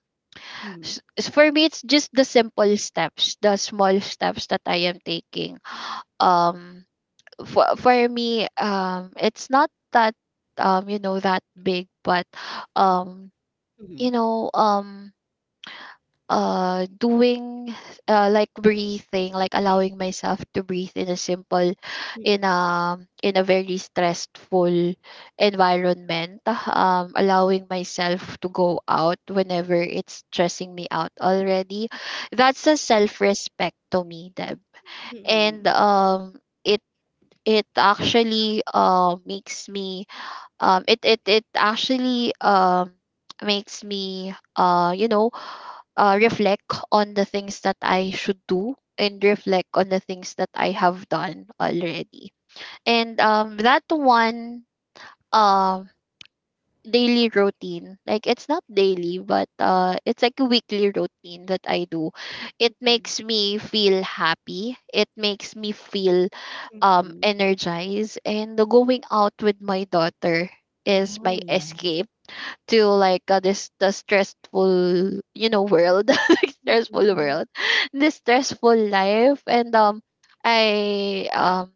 Speaker 1: mhm,
Speaker 2: for me, it's just the simple steps, the small steps that I am taking. Um, for me, it's not that that big, but um you
Speaker 1: mhm,
Speaker 2: know um doing, like breathing, like allowing myself to breathe in a simple, in a very stressful environment, allowing myself to go out whenever it's stressing me out already. That's a self respect to me, Deb. And
Speaker 1: mm,
Speaker 2: it actually makes me, it it it actually makes me, reflect on the things that I should do, and reflect on the things that I have done already. And that one um daily routine, like, it's not daily, but it's like a weekly routine that I do. It
Speaker 1: mm,
Speaker 2: makes me feel happy. It makes me feel
Speaker 1: mm, mm.
Speaker 2: energize and the going out with my daughter is
Speaker 1: Oh,
Speaker 2: my
Speaker 1: yeah.
Speaker 2: escape to, like, this the stressful, world, *laughs* like,
Speaker 1: Mm,
Speaker 2: stressful
Speaker 1: mm,
Speaker 2: world, this stressful life. And I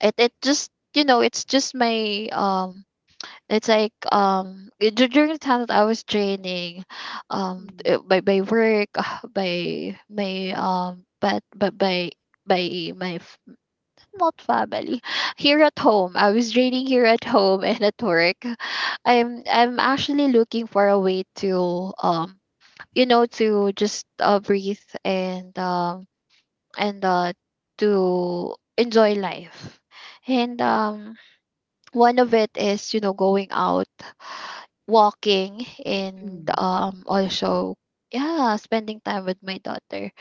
Speaker 2: it it just, it's just my, it's like during the time that I was training, by work, *sighs* by my, but by my, not family. Here at home, I was training here at home and at work. I'm actually looking for a way to, to just, breathe, and and uh to enjoy life. And one of it is, going out, walking, and
Speaker 1: mm,
Speaker 2: also, yeah, spending time with my daughter.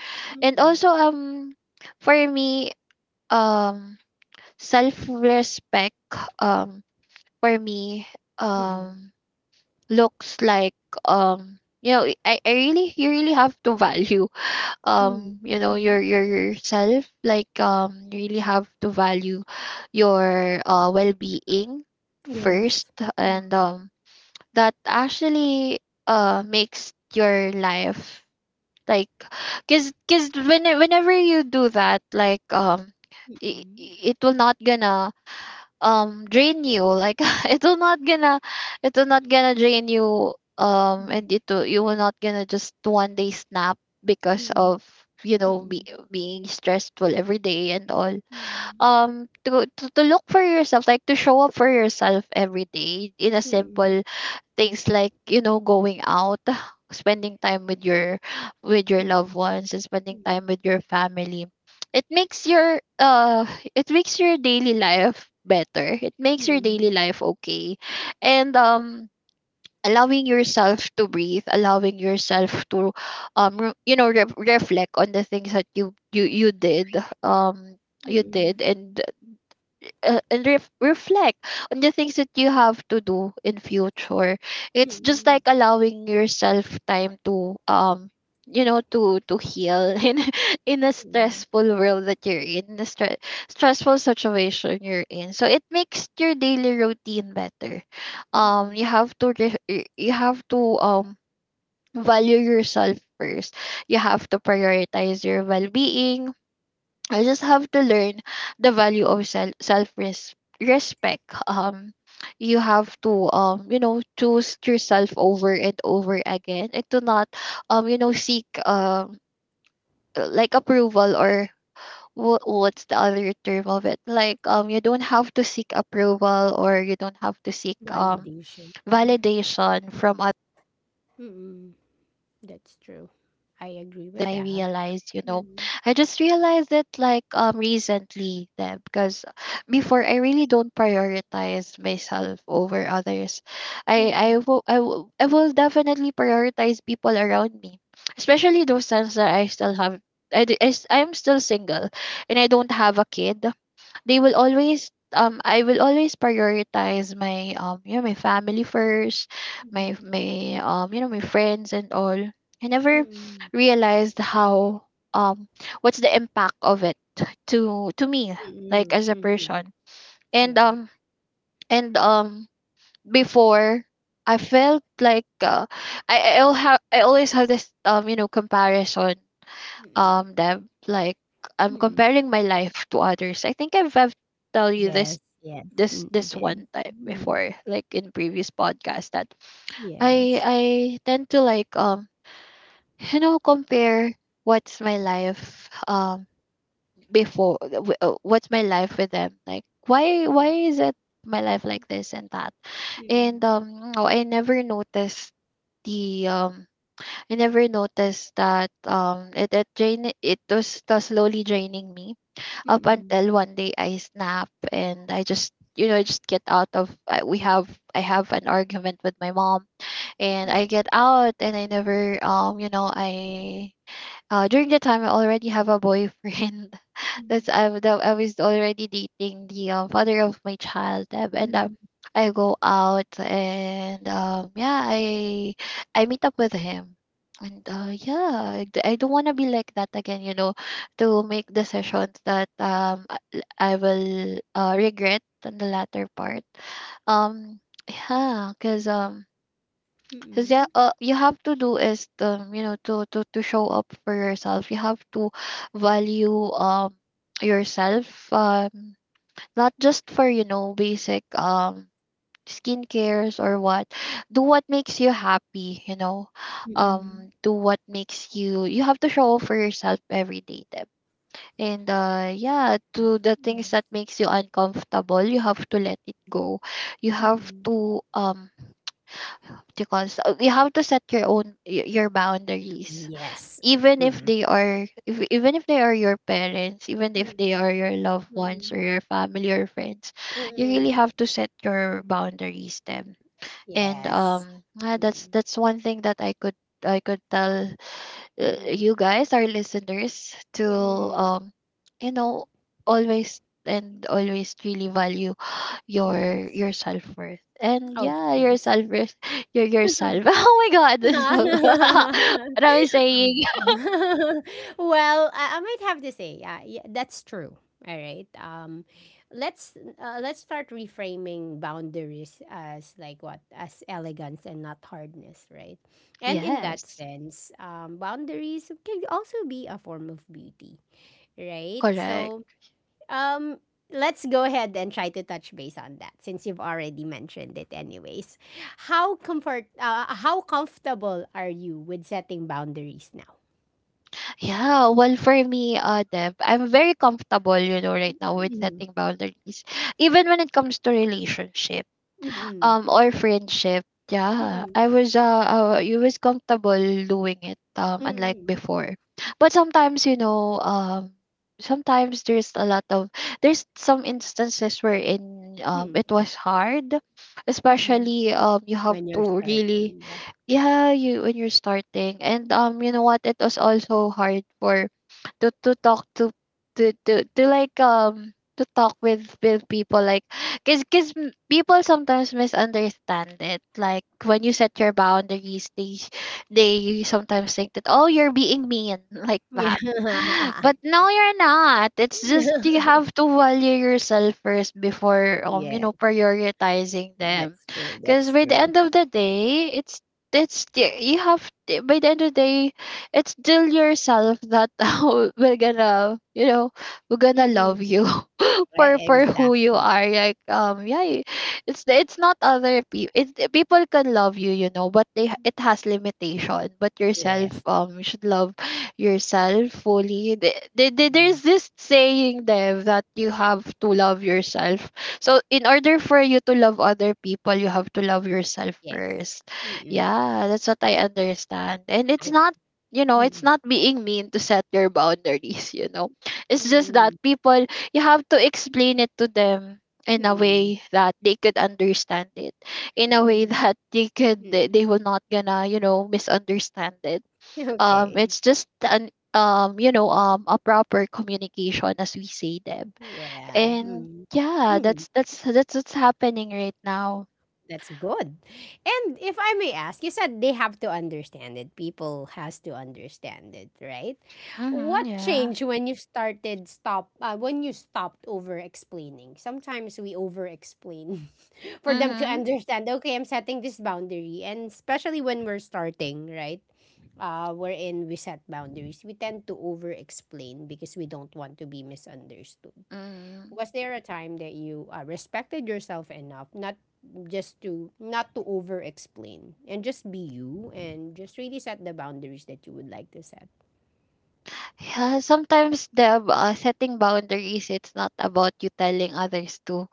Speaker 2: And
Speaker 1: mm,
Speaker 2: also, for me, um self respect, um for me
Speaker 1: mhm,
Speaker 2: um looks like, I really, you really have to value,
Speaker 1: mm, mhm.
Speaker 2: your yourself. Like, you really have to value your, well-being first.
Speaker 1: Yes.
Speaker 2: And
Speaker 1: Mm,
Speaker 2: that actually makes your life like, whenever you do that,
Speaker 1: mm,
Speaker 2: it, it will not gonna drain you. Like, *laughs* it will not gonna it will not gonna drain you.
Speaker 1: mm,
Speaker 2: And it will, you will not gonna just one day snap because
Speaker 1: mm,
Speaker 2: of, you
Speaker 1: mm,
Speaker 2: know be,
Speaker 1: mm,
Speaker 2: being stressful every day and all.
Speaker 1: mm,
Speaker 2: To look for yourself, like to show up for yourself every day in a
Speaker 1: mm, mm,
Speaker 2: simple things, like, going out, *sighs* spending time with your,
Speaker 1: mm,
Speaker 2: loved ones, and
Speaker 1: mm,
Speaker 2: spending time
Speaker 1: mm,
Speaker 2: with your family. It makes your, daily life better. It makes your
Speaker 1: mm,
Speaker 2: daily life okay. And allowing yourself to breathe, allowing yourself to reflect on the things that you did, um you
Speaker 1: mm.
Speaker 2: did, and, reflect on the things that you have to do in future. It's just
Speaker 1: Mm,
Speaker 2: like allowing yourself time to, to heal *laughs* in a
Speaker 1: mm,
Speaker 2: stressful world that you're in a stressful situation you're in. So it makes your daily routine better.
Speaker 1: mm,
Speaker 2: You have to you have to value yourself first. You have to prioritize your well-being. I just have to learn the value of self self respect. You have to, choose yourself over and over again, and to not, seek, like, approval, or what's the other term of it? Like, you don't have to seek approval, or you don't have to seek
Speaker 1: Validation. Mhm.
Speaker 2: validation from,
Speaker 1: Mm-mm. That's true. I agree with
Speaker 2: that I
Speaker 1: that.
Speaker 2: realized, you know,
Speaker 1: Mm.
Speaker 2: I just realized it, like, recently, that because before I really don't prioritize myself over others.
Speaker 1: Mm.
Speaker 2: I will definitely prioritize people around me, especially those times that I still have, I'm still single and I don't have a kid. They will always I will always prioritize my, my family first,
Speaker 1: Mhm.
Speaker 2: my, my friends and all. I never
Speaker 1: Mm.
Speaker 2: realized how um what's the impact of it to me,
Speaker 1: Mm.
Speaker 2: as a
Speaker 1: Mhm.
Speaker 2: person. And
Speaker 1: Yeah.
Speaker 2: um and before, I felt like, I always have this, comparison,
Speaker 1: Mm.
Speaker 2: that, like, I'm
Speaker 1: Mm.
Speaker 2: comparing my life to others. I think I've tell you
Speaker 1: Yes,
Speaker 2: this,
Speaker 1: yes. Mm, you
Speaker 2: this
Speaker 1: did.
Speaker 2: one time
Speaker 1: Mm.
Speaker 2: before, like in previous podcast, that
Speaker 1: Yes.
Speaker 2: I tend to, like, compare what's my life, what's my life with them, like, why,
Speaker 1: Mm.
Speaker 2: is it my life like this and that? And
Speaker 1: Mm.
Speaker 2: no, I never noticed the, I never noticed that, it was, slowly draining me
Speaker 1: Mm.
Speaker 2: up
Speaker 1: Mm.
Speaker 2: until one day I snap, and I just, I just get out of, I have an argument with my mom, and I get out. And I never, you know I during the time, I already have a boyfriend. *laughs* That, I was already dating the, father of my child. And
Speaker 1: Mm.
Speaker 2: I go out, and yeah, I meet up with him. And yeah, I don't want to be like that again, you know, to make decisions that, I will, regret in the latter part. Um, yeah, cause Cause yeah,
Speaker 1: Mm.
Speaker 2: you have to do is the, to show up for yourself. You have to value, yourself, not just for, basic, skincares or what. Do what makes you happy. You know,
Speaker 1: Mm.
Speaker 2: do what makes you. You have to show up for yourself every day, Deb. And yeah, to the things that makes you uncomfortable, you have to let it go. You have
Speaker 1: Mm.
Speaker 2: to because, you have to set your own, your
Speaker 1: Yes. Yes. Mm.
Speaker 2: boundaries,
Speaker 1: Yes.
Speaker 2: even if
Speaker 1: Mm.
Speaker 2: they are, if, even if they are your parents, even if they
Speaker 1: Mm.
Speaker 2: are your loved ones
Speaker 1: Mm.
Speaker 2: or your family or friends. You really
Speaker 1: Mm.
Speaker 2: have to set your boundaries them. And
Speaker 1: Yes. Mm.
Speaker 2: that's one thing that I could tell,
Speaker 1: Mm.
Speaker 2: you guys, our listeners, to,
Speaker 1: Mm.
Speaker 2: um, you know, always and always really value *sighs* your
Speaker 1: Yes,
Speaker 2: your self worth. And
Speaker 1: of
Speaker 2: yeah, your
Speaker 1: course.
Speaker 2: self worth, *laughs* your
Speaker 1: *laughs* Well,
Speaker 2: yourself. *laughs* Oh my God, this, *laughs* what am I saying?
Speaker 1: I might have to say, yeah, yeah, that's true. All right. Let's let's start reframing boundaries as like what, as elegance and not hardness, right? And in that
Speaker 2: Yes,
Speaker 1: sense, boundaries can also be a form of beauty, right?
Speaker 2: correct.
Speaker 1: So, Um, let's go ahead and try to touch base on that since you've already mentioned it anyways. How comfortable are you with setting boundaries now?
Speaker 2: Yeah, well, for me, Deb, I'm very comfortable, you know, right now with
Speaker 1: Mm.
Speaker 2: setting boundaries, even when it comes to relationship,
Speaker 1: Mm-mm.
Speaker 2: or friendship. Yeah,
Speaker 1: Mm-mm.
Speaker 2: I was you was comfortable doing it, unlike
Speaker 1: Mm-mm.
Speaker 2: before. But sometimes, you know, sometimes there's a lot of, there's some instances wherein,
Speaker 1: Mm-mm.
Speaker 2: it was hard,
Speaker 1: Mm-mm.
Speaker 2: especially, you
Speaker 1: When
Speaker 2: have
Speaker 1: you're
Speaker 2: to
Speaker 1: starting,
Speaker 2: really,
Speaker 1: yeah.
Speaker 2: yeah, you when you're starting. And you know what, it was also hard for to talk to, to, like, to talk with people, like, because people sometimes misunderstand it. Like, when you set your boundaries, they sometimes think that, oh, you're being mean, *laughs* like that.
Speaker 1: *laughs*
Speaker 2: But no, you're not. It's just
Speaker 1: Yeah. *laughs*
Speaker 2: you have to value yourself first before,
Speaker 1: Yes,
Speaker 2: prioritizing them.
Speaker 1: that's true.
Speaker 2: Because
Speaker 1: That's
Speaker 2: by the
Speaker 1: true.
Speaker 2: end of the day, it's the you have t- by the end of the day, it's still yourself that *laughs* will gonna, will gonna
Speaker 1: Mm-mm.
Speaker 2: love you. *laughs*
Speaker 1: Right,
Speaker 2: For who you
Speaker 1: exactly.
Speaker 2: are. Like, yeah, it's not other people. It's, people can love you, you know, but they it has limitation. But yourself,
Speaker 1: Yes.
Speaker 2: you should love yourself fully.
Speaker 1: Mm.
Speaker 2: There's this saying, Dev, that you have to love yourself so in order for you to love other people you have to love yourself
Speaker 1: Yes.
Speaker 2: first.
Speaker 1: Mm-mm.
Speaker 2: Yeah, that's what I understand. And it's
Speaker 1: Okay.
Speaker 2: not, you know, it's
Speaker 1: Mm-mm.
Speaker 2: not being mean to set your boundaries, you know. It's just that
Speaker 1: Mm-mm.
Speaker 2: people, you have to explain it to them in a
Speaker 1: Mm-mm.
Speaker 2: way that they could understand it, in a way *laughs* that
Speaker 1: Mm-mm.
Speaker 2: they will not gonna, misunderstand it.
Speaker 1: Okay.
Speaker 2: It's just an, a proper communication, as we say, Deb.
Speaker 1: Yeah.
Speaker 2: And
Speaker 1: Mm.
Speaker 2: yeah,
Speaker 1: Mm.
Speaker 2: that's that's what's happening right now.
Speaker 1: That's good. And if I may ask, you said they have to understand it. People has to understand it, right?
Speaker 2: Mm-hmm,
Speaker 1: What
Speaker 2: yeah.
Speaker 1: changed when you started stop when you stopped over explaining? Sometimes we over explain *laughs* for them to
Speaker 2: Mm-hmm,
Speaker 1: understand. Okay, I'm setting this boundary, and especially when we're starting, right? Wherein we set boundaries, we tend to over explain because we don't want to be misunderstood.
Speaker 2: mm-hmm.
Speaker 1: Was there a time that you respected yourself enough not just to not to over explain and just be you and just really set the boundaries that you would like to set?
Speaker 2: Yeah, sometimes the setting boundaries it's not about you telling others to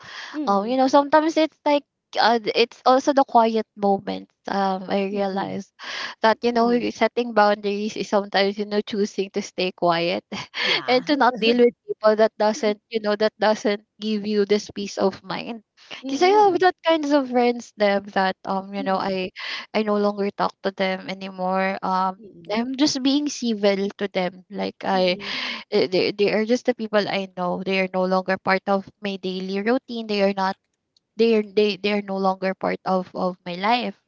Speaker 1: Mm-hmm.
Speaker 2: sometimes it's like it's also the quiet moments I
Speaker 1: Mm-hmm.
Speaker 2: realize that you know
Speaker 1: Mm-hmm.
Speaker 2: setting boundaries is sometimes you know choosing to stay quiet *laughs*
Speaker 1: Yeah.
Speaker 2: and to not deal with people that doesn't you know that doesn't give you this peace of mind because I have
Speaker 1: Mm-hmm.
Speaker 2: that kinds of friends them that you know
Speaker 1: Mm-hmm.
Speaker 2: I no longer talk to them anymore
Speaker 1: Mm-hmm.
Speaker 2: I'm just being civil to them. Like
Speaker 1: Mm-hmm.
Speaker 2: they are just the people I know. They are no longer part of my daily routine. They are not. They are no longer part of my life.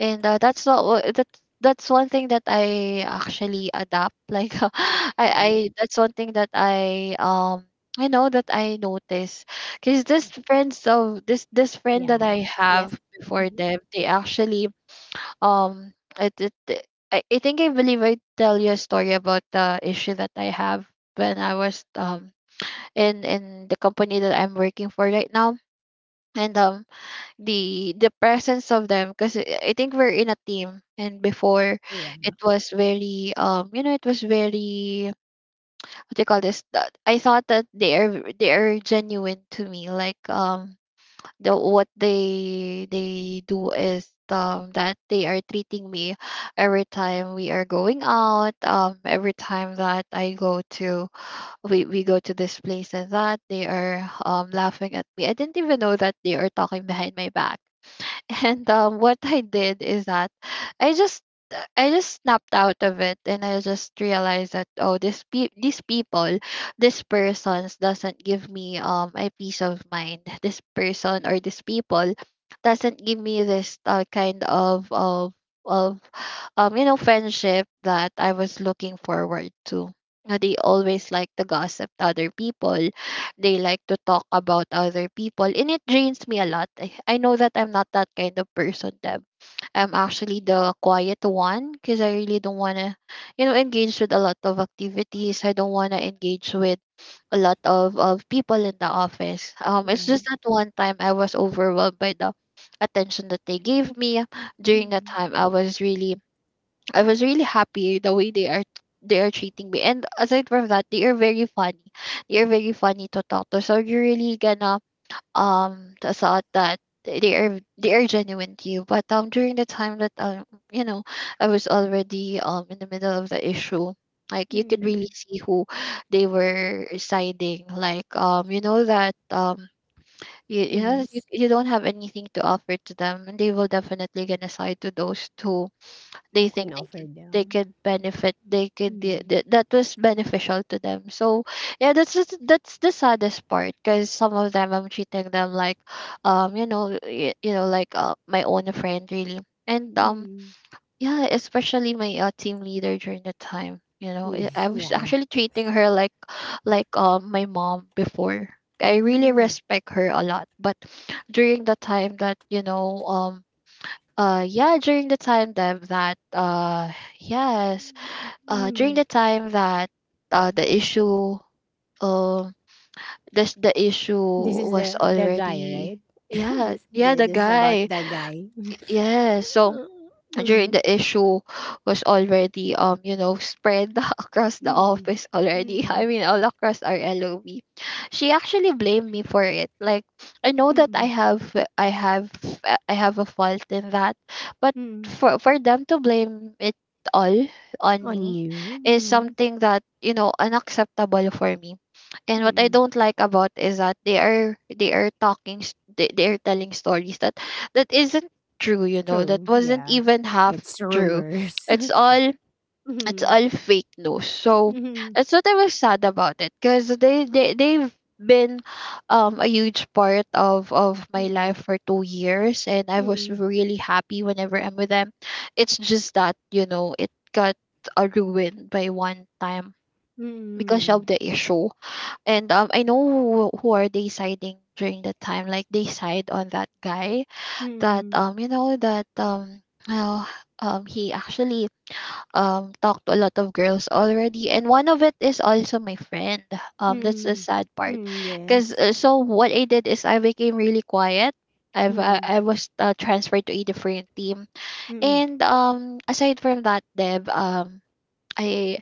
Speaker 2: And that's not. that's one thing that I actually adapt. *laughs* Like I
Speaker 1: Mm-hmm.
Speaker 2: that's one thing that I know that I notice because this friends of this friend that
Speaker 1: Yeah.
Speaker 2: I
Speaker 1: Yes.
Speaker 2: have before
Speaker 1: Mm-hmm.
Speaker 2: them they actually um I think I believe I tell you a story about the issue that I have when I was in the company that I'm working for right now. And the presence of them, because I think we're in a team. And before,
Speaker 1: Yeah.
Speaker 2: it was very you know it was very, what do you call this, that I thought that they are genuine to me. Like the what they do is that they are treating me every time we are going out, every time that I go to we go to this place, and that they are laughing at me. I didn't even know that they are talking behind my back. *laughs* And what I did is that I just I just snapped out of it, and I just realized that oh, these people, this persons doesn't give me a peace of mind. This person or this people doesn't give me this kind of of you know friendship that I was looking forward to. They always like to gossip to other people. They like to talk about other people, and it drains me a lot. I know that I'm not that kind of person, Deb. I'm actually the quiet one because I really don't want to you know engage with a lot of activities. I don't want to engage with a lot of people in the office. It's
Speaker 1: Yes.
Speaker 2: just that one time I was overwhelmed by the attention that they gave me. During that
Speaker 1: Mm-hmm.
Speaker 2: time, I was really happy the way they are treating me. And aside from that, they are very funny. They are very funny to talk to. So you're really gonna to thought that they are genuine to you. But during the time that you know I was already in the middle of the issue. Like you could
Speaker 1: Mm-hmm.
Speaker 2: really see who they were siding. Like you know that you you know
Speaker 1: Yes.
Speaker 2: you don't have anything to offer to them, and they will definitely gonna side to those two
Speaker 1: Who can offer
Speaker 2: they
Speaker 1: them.
Speaker 2: could benefit, they could
Speaker 1: Mm-hmm.
Speaker 2: that was beneficial to them. So yeah, that's the saddest part, because some of them I'm treating them like you know you know like my own friend really. And
Speaker 1: Mm-hmm.
Speaker 2: yeah, especially my team leader. During the time, you know, I was
Speaker 1: *laughs* Yeah.
Speaker 2: actually treating her like my mom. Before, I really
Speaker 1: Mm-hmm.
Speaker 2: respect her a lot. But during the time that during the time that that yes, during the time that the issue um this the issue
Speaker 1: This is
Speaker 2: was
Speaker 1: the guy,
Speaker 2: already,
Speaker 1: right? *laughs*
Speaker 2: yeah
Speaker 1: this
Speaker 2: yeah,
Speaker 1: yeah,
Speaker 2: the
Speaker 1: this is about
Speaker 2: guy.
Speaker 1: the guy.
Speaker 2: Yeah, so
Speaker 1: *laughs*
Speaker 2: during
Speaker 1: Mm-hmm.
Speaker 2: the issue was already you know spread *laughs* across the
Speaker 1: Mm-hmm.
Speaker 2: office already. *laughs*
Speaker 1: Mm-hmm.
Speaker 2: I mean all across our LOB, she actually blamed me for it. Like I know that
Speaker 1: Mm-hmm.
Speaker 2: i have I have a fault in that, but
Speaker 1: Mm-hmm.
Speaker 2: for them to blame it all on
Speaker 1: On
Speaker 2: me
Speaker 1: you.
Speaker 2: is
Speaker 1: Mm-hmm.
Speaker 2: something that you know unacceptable for me. And what I
Speaker 1: Mm-hmm.
Speaker 2: don't like about is that they are talking they are telling stories that that isn't true. You know that
Speaker 1: True.
Speaker 2: wasn't
Speaker 1: Yeah.
Speaker 2: even half
Speaker 1: It's
Speaker 2: true.
Speaker 1: rumors.
Speaker 2: It's all,
Speaker 1: *laughs*
Speaker 2: it's
Speaker 1: Mm-hmm.
Speaker 2: all fake news. So
Speaker 1: Mm-hmm.
Speaker 2: that's what I was sad about it, because they they've been a huge part of my life
Speaker 1: Mm-hmm.
Speaker 2: for 2 years, and I was
Speaker 1: Mm-hmm.
Speaker 2: really happy whenever I'm with them. It's just that you know it got ruined by one time because
Speaker 1: Mm-hmm.
Speaker 2: of the issue. And I know who are they siding during the time. Like they side on that guy that
Speaker 1: Mm-hmm.
Speaker 2: well, he actually talked to a lot of girls already, and one of it is also my friend. That's the
Speaker 1: Mm-hmm.
Speaker 2: sad part,
Speaker 1: Mm,
Speaker 2: because
Speaker 1: yes.
Speaker 2: so what I did is I became really quiet.
Speaker 1: Mm-hmm.
Speaker 2: I was transferred to a different team.
Speaker 1: Mm-hmm.
Speaker 2: And aside from that, Deb, I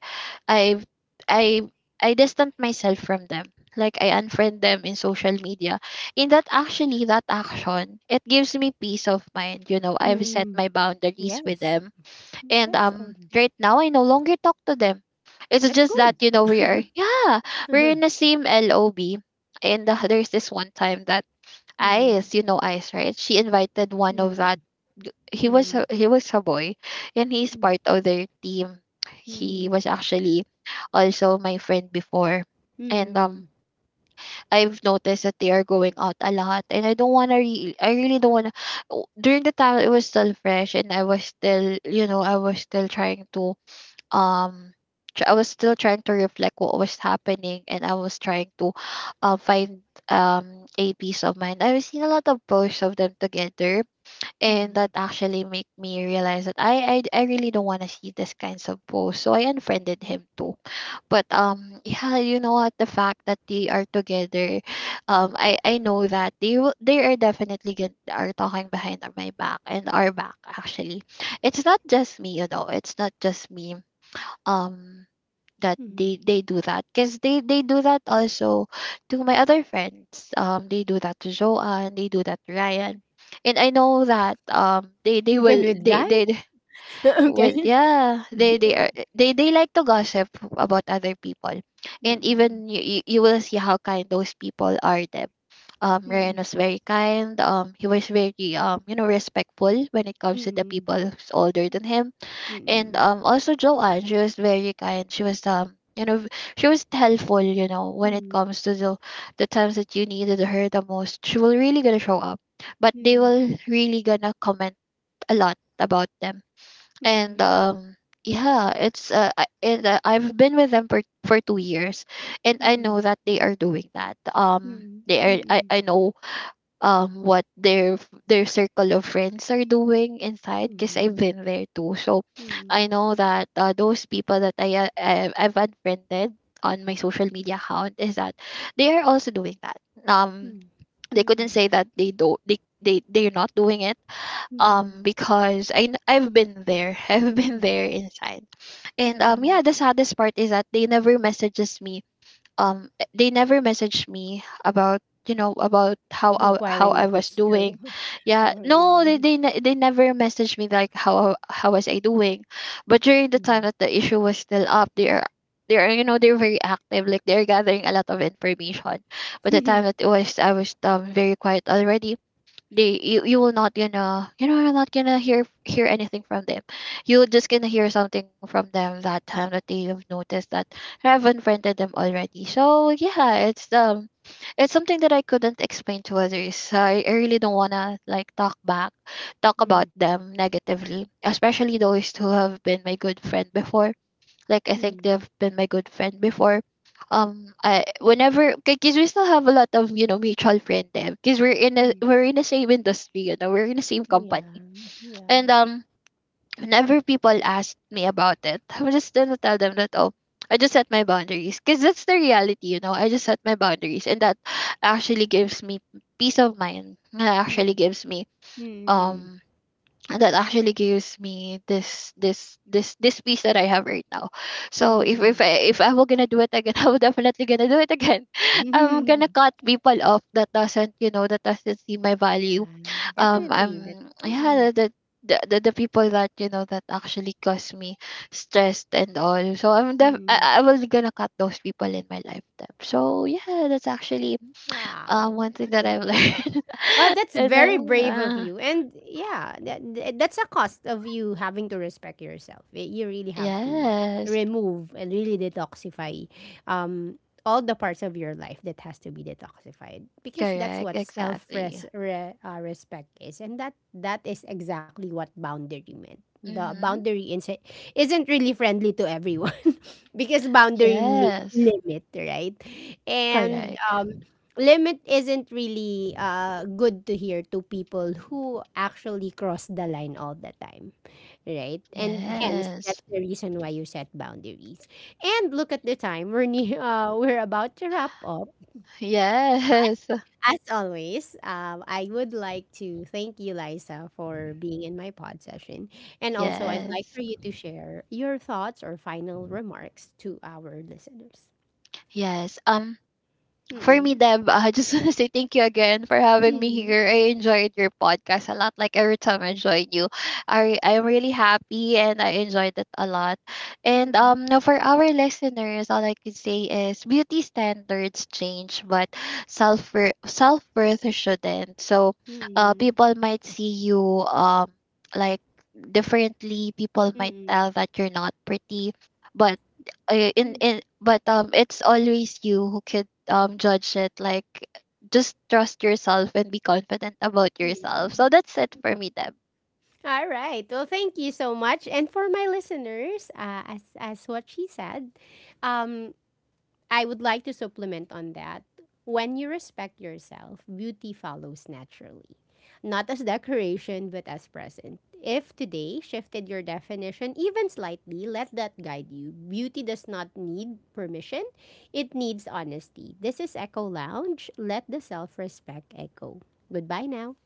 Speaker 2: I I I distant myself from them. Like I unfriend them in social media. In that, actually that action, it gives me peace of mind. You know, I've set
Speaker 1: Mm-hmm.
Speaker 2: my boundaries with
Speaker 1: Yes.
Speaker 2: them. And
Speaker 1: That's all.
Speaker 2: right now I no longer talk to them. It's
Speaker 1: That's
Speaker 2: just
Speaker 1: good.
Speaker 2: that, you know, we are, yeah,
Speaker 1: *laughs*
Speaker 2: we're in the same LOB. And there's this one time that
Speaker 1: Mm-hmm.
Speaker 2: Ice, you know Ice, right? She invited one of
Speaker 1: Mm-hmm.
Speaker 2: that he was a boy, and he's
Speaker 1: Mm-hmm.
Speaker 2: part of their team. He was actually also my friend before. And
Speaker 1: Mm,
Speaker 2: I've noticed that they are going out a lot, and I don't want to I really don't want to. During the time, it was still fresh, and I was still you know I was still trying to um I was still trying to reflect what was happening. And I was trying to find a peace of mind. I was seeing a lot of posts of them together, and
Speaker 1: mm,
Speaker 2: that actually make me realize that I really don't want to see this kinds of posts. So I unfriended him too. But *laughs* yeah, you know what, the fact that they are together, um, I know that they are definitely are talking behind my back and our back actually. It's not just me, you know. It's not just me. Um that they
Speaker 1: mm.
Speaker 2: they do that because they do that also to my other friends. They do that to Joanne, they do that to Ryan. And I know that they
Speaker 1: Even
Speaker 2: will
Speaker 1: with guy?
Speaker 2: they
Speaker 1: *laughs*
Speaker 2: *laughs*
Speaker 1: Okay.
Speaker 2: will, yeah, they
Speaker 1: *laughs*
Speaker 2: are they like to gossip about other people. And
Speaker 1: Mm,
Speaker 2: even you will see how kind those people are them. Ryan
Speaker 1: mm,
Speaker 2: was very kind. He was very you know respectful when it comes to the
Speaker 1: mm,
Speaker 2: people who's older than him.
Speaker 1: mm,
Speaker 2: And
Speaker 1: mm,
Speaker 2: also Joanne, she was very kind. She was you know she was helpful. You know, when it
Speaker 1: mm,
Speaker 2: comes to the times that you needed her the most, she will really gonna show up. But
Speaker 1: mm,
Speaker 2: they
Speaker 1: mm,
Speaker 2: will really gonna comment a lot about them. And
Speaker 1: mm,
Speaker 2: yeah, it's and I've been with them for 2 years, and I know that they are doing that.
Speaker 1: mm, mm,
Speaker 2: They are,
Speaker 1: mm,
Speaker 2: I
Speaker 1: mm,
Speaker 2: I know what their their circle of friends are doing inside, because I've been there too. So I know that those people that I've unfriended on my social media account is that they are also doing that. Um, they couldn't say that they don't they they're not doing it.
Speaker 1: mm, mm,
Speaker 2: Because I've been there. *laughs* I've been
Speaker 1: mm,
Speaker 2: there inside. And yeah,
Speaker 1: mm.
Speaker 2: the saddest part is that they never messages me. They never messaged me about you know about how
Speaker 1: Inquiring
Speaker 2: I
Speaker 1: if
Speaker 2: was
Speaker 1: it's
Speaker 2: doing.
Speaker 1: true. *laughs*
Speaker 2: Yeah,
Speaker 1: How are
Speaker 2: no,
Speaker 1: you?
Speaker 2: they never messaged me like how was I doing. But during the time
Speaker 1: Mm.
Speaker 2: that the issue was still up, they are you know they're very active, like they're gathering a lot of information. But the time that
Speaker 1: *laughs*
Speaker 2: it was, I was very quiet already, they you, you will not gonna you know you're not gonna hear anything from them. You're just gonna hear something from them that time that they have noticed that I've unfriended them already. So yeah, it's something that I couldn't explain to others. I really don't wanna like talk about
Speaker 1: Mm,
Speaker 2: them negatively, especially those who have been my good friend before. Like I think
Speaker 1: mm,
Speaker 2: they've been my good friend before. I whenever, because we still have a lot of you know mutual friend there, because
Speaker 1: mm.
Speaker 2: we're in the same industry, you know we're in the same
Speaker 1: *laughs*
Speaker 2: company.
Speaker 1: Yeah, yeah.
Speaker 2: And whenever people ask me about it, *laughs* I would just gonna tell them that oh, I just set my boundaries, because that's the reality. You know, I just set my boundaries, and that actually gives me peace of mind. That actually
Speaker 1: Mm,
Speaker 2: gives me
Speaker 1: mm,
Speaker 2: um that actually gives me this this piece that I have right now. So
Speaker 1: mm.
Speaker 2: if I were gonna do it again, *laughs* I would definitely gonna do it again. *laughs* I'm gonna
Speaker 1: *laughs*
Speaker 2: cut people off that doesn't you know that doesn't see my
Speaker 1: Yeah,
Speaker 2: value. I'm,
Speaker 1: definitely that. Mm.
Speaker 2: yeah, the people that you know that actually cause me stress and all. So I'm def-
Speaker 1: Mm,
Speaker 2: I will gonna cut those people in my lifetime. So yeah, that's actually
Speaker 1: wow.
Speaker 2: one thing that I've learned.
Speaker 1: Well,
Speaker 2: *laughs*
Speaker 1: that's
Speaker 2: and
Speaker 1: very brave of you. And yeah, that's a cost of you having to respect yourself. You really have to
Speaker 2: yes.
Speaker 1: remove and really detoxify, um, all the parts of your life that has to be detoxified because that's
Speaker 2: Correct,
Speaker 1: what self
Speaker 2: exactly.
Speaker 1: res- re- uh, respect is. And that, that is exactly what boundary meant. The
Speaker 2: Mhm.
Speaker 1: boundary isn't really friendly to everyone *laughs* because boundary means
Speaker 2: Yes.
Speaker 1: limit, right? And
Speaker 2: Correct.
Speaker 1: limit isn't really good to hear to people who actually cross the line all the time, right? And hence, that's
Speaker 2: Yes.
Speaker 1: the reason why you set boundaries. And look at the time; we're near, *laughs* we're about to wrap up.
Speaker 2: Yes. *laughs*
Speaker 1: As always, I would like to thank you, Liza, for being in my pod session, and also I'd like
Speaker 2: Yes.
Speaker 1: for you to share your thoughts or final remarks to our listeners.
Speaker 2: Yes. For me,
Speaker 1: Mm-mm.
Speaker 2: Deb, *laughs* I just want to say thank you again for having me
Speaker 1: Mm-mm.
Speaker 2: here. I enjoyed your podcast a lot. Like every time I join you, I'm really happy and I enjoyed it a lot. And
Speaker 1: Mm-mm.
Speaker 2: now for our listeners, all I could say is beauty standards change, but self self worth shouldn't. So,
Speaker 1: Mm-mm.
Speaker 2: people might see you like differently. People might
Speaker 1: Mm-mm.
Speaker 2: tell that you're not pretty, but in but it's always you who could judge it. Like just trust yourself and be confident about yourself. So
Speaker 1: Mm.
Speaker 2: that's it for me, Deb.
Speaker 1: All right. Well, thank you so much. And for my listeners, as what she said, um, I would like to supplement on that. When you respect yourself, beauty follows naturally, not as decoration but as present. If today shifted your definition even slightly, let that guide you. Beauty does not need permission; it needs honesty. This is Echo Lounge. Let the self respect echo. Goodbye now.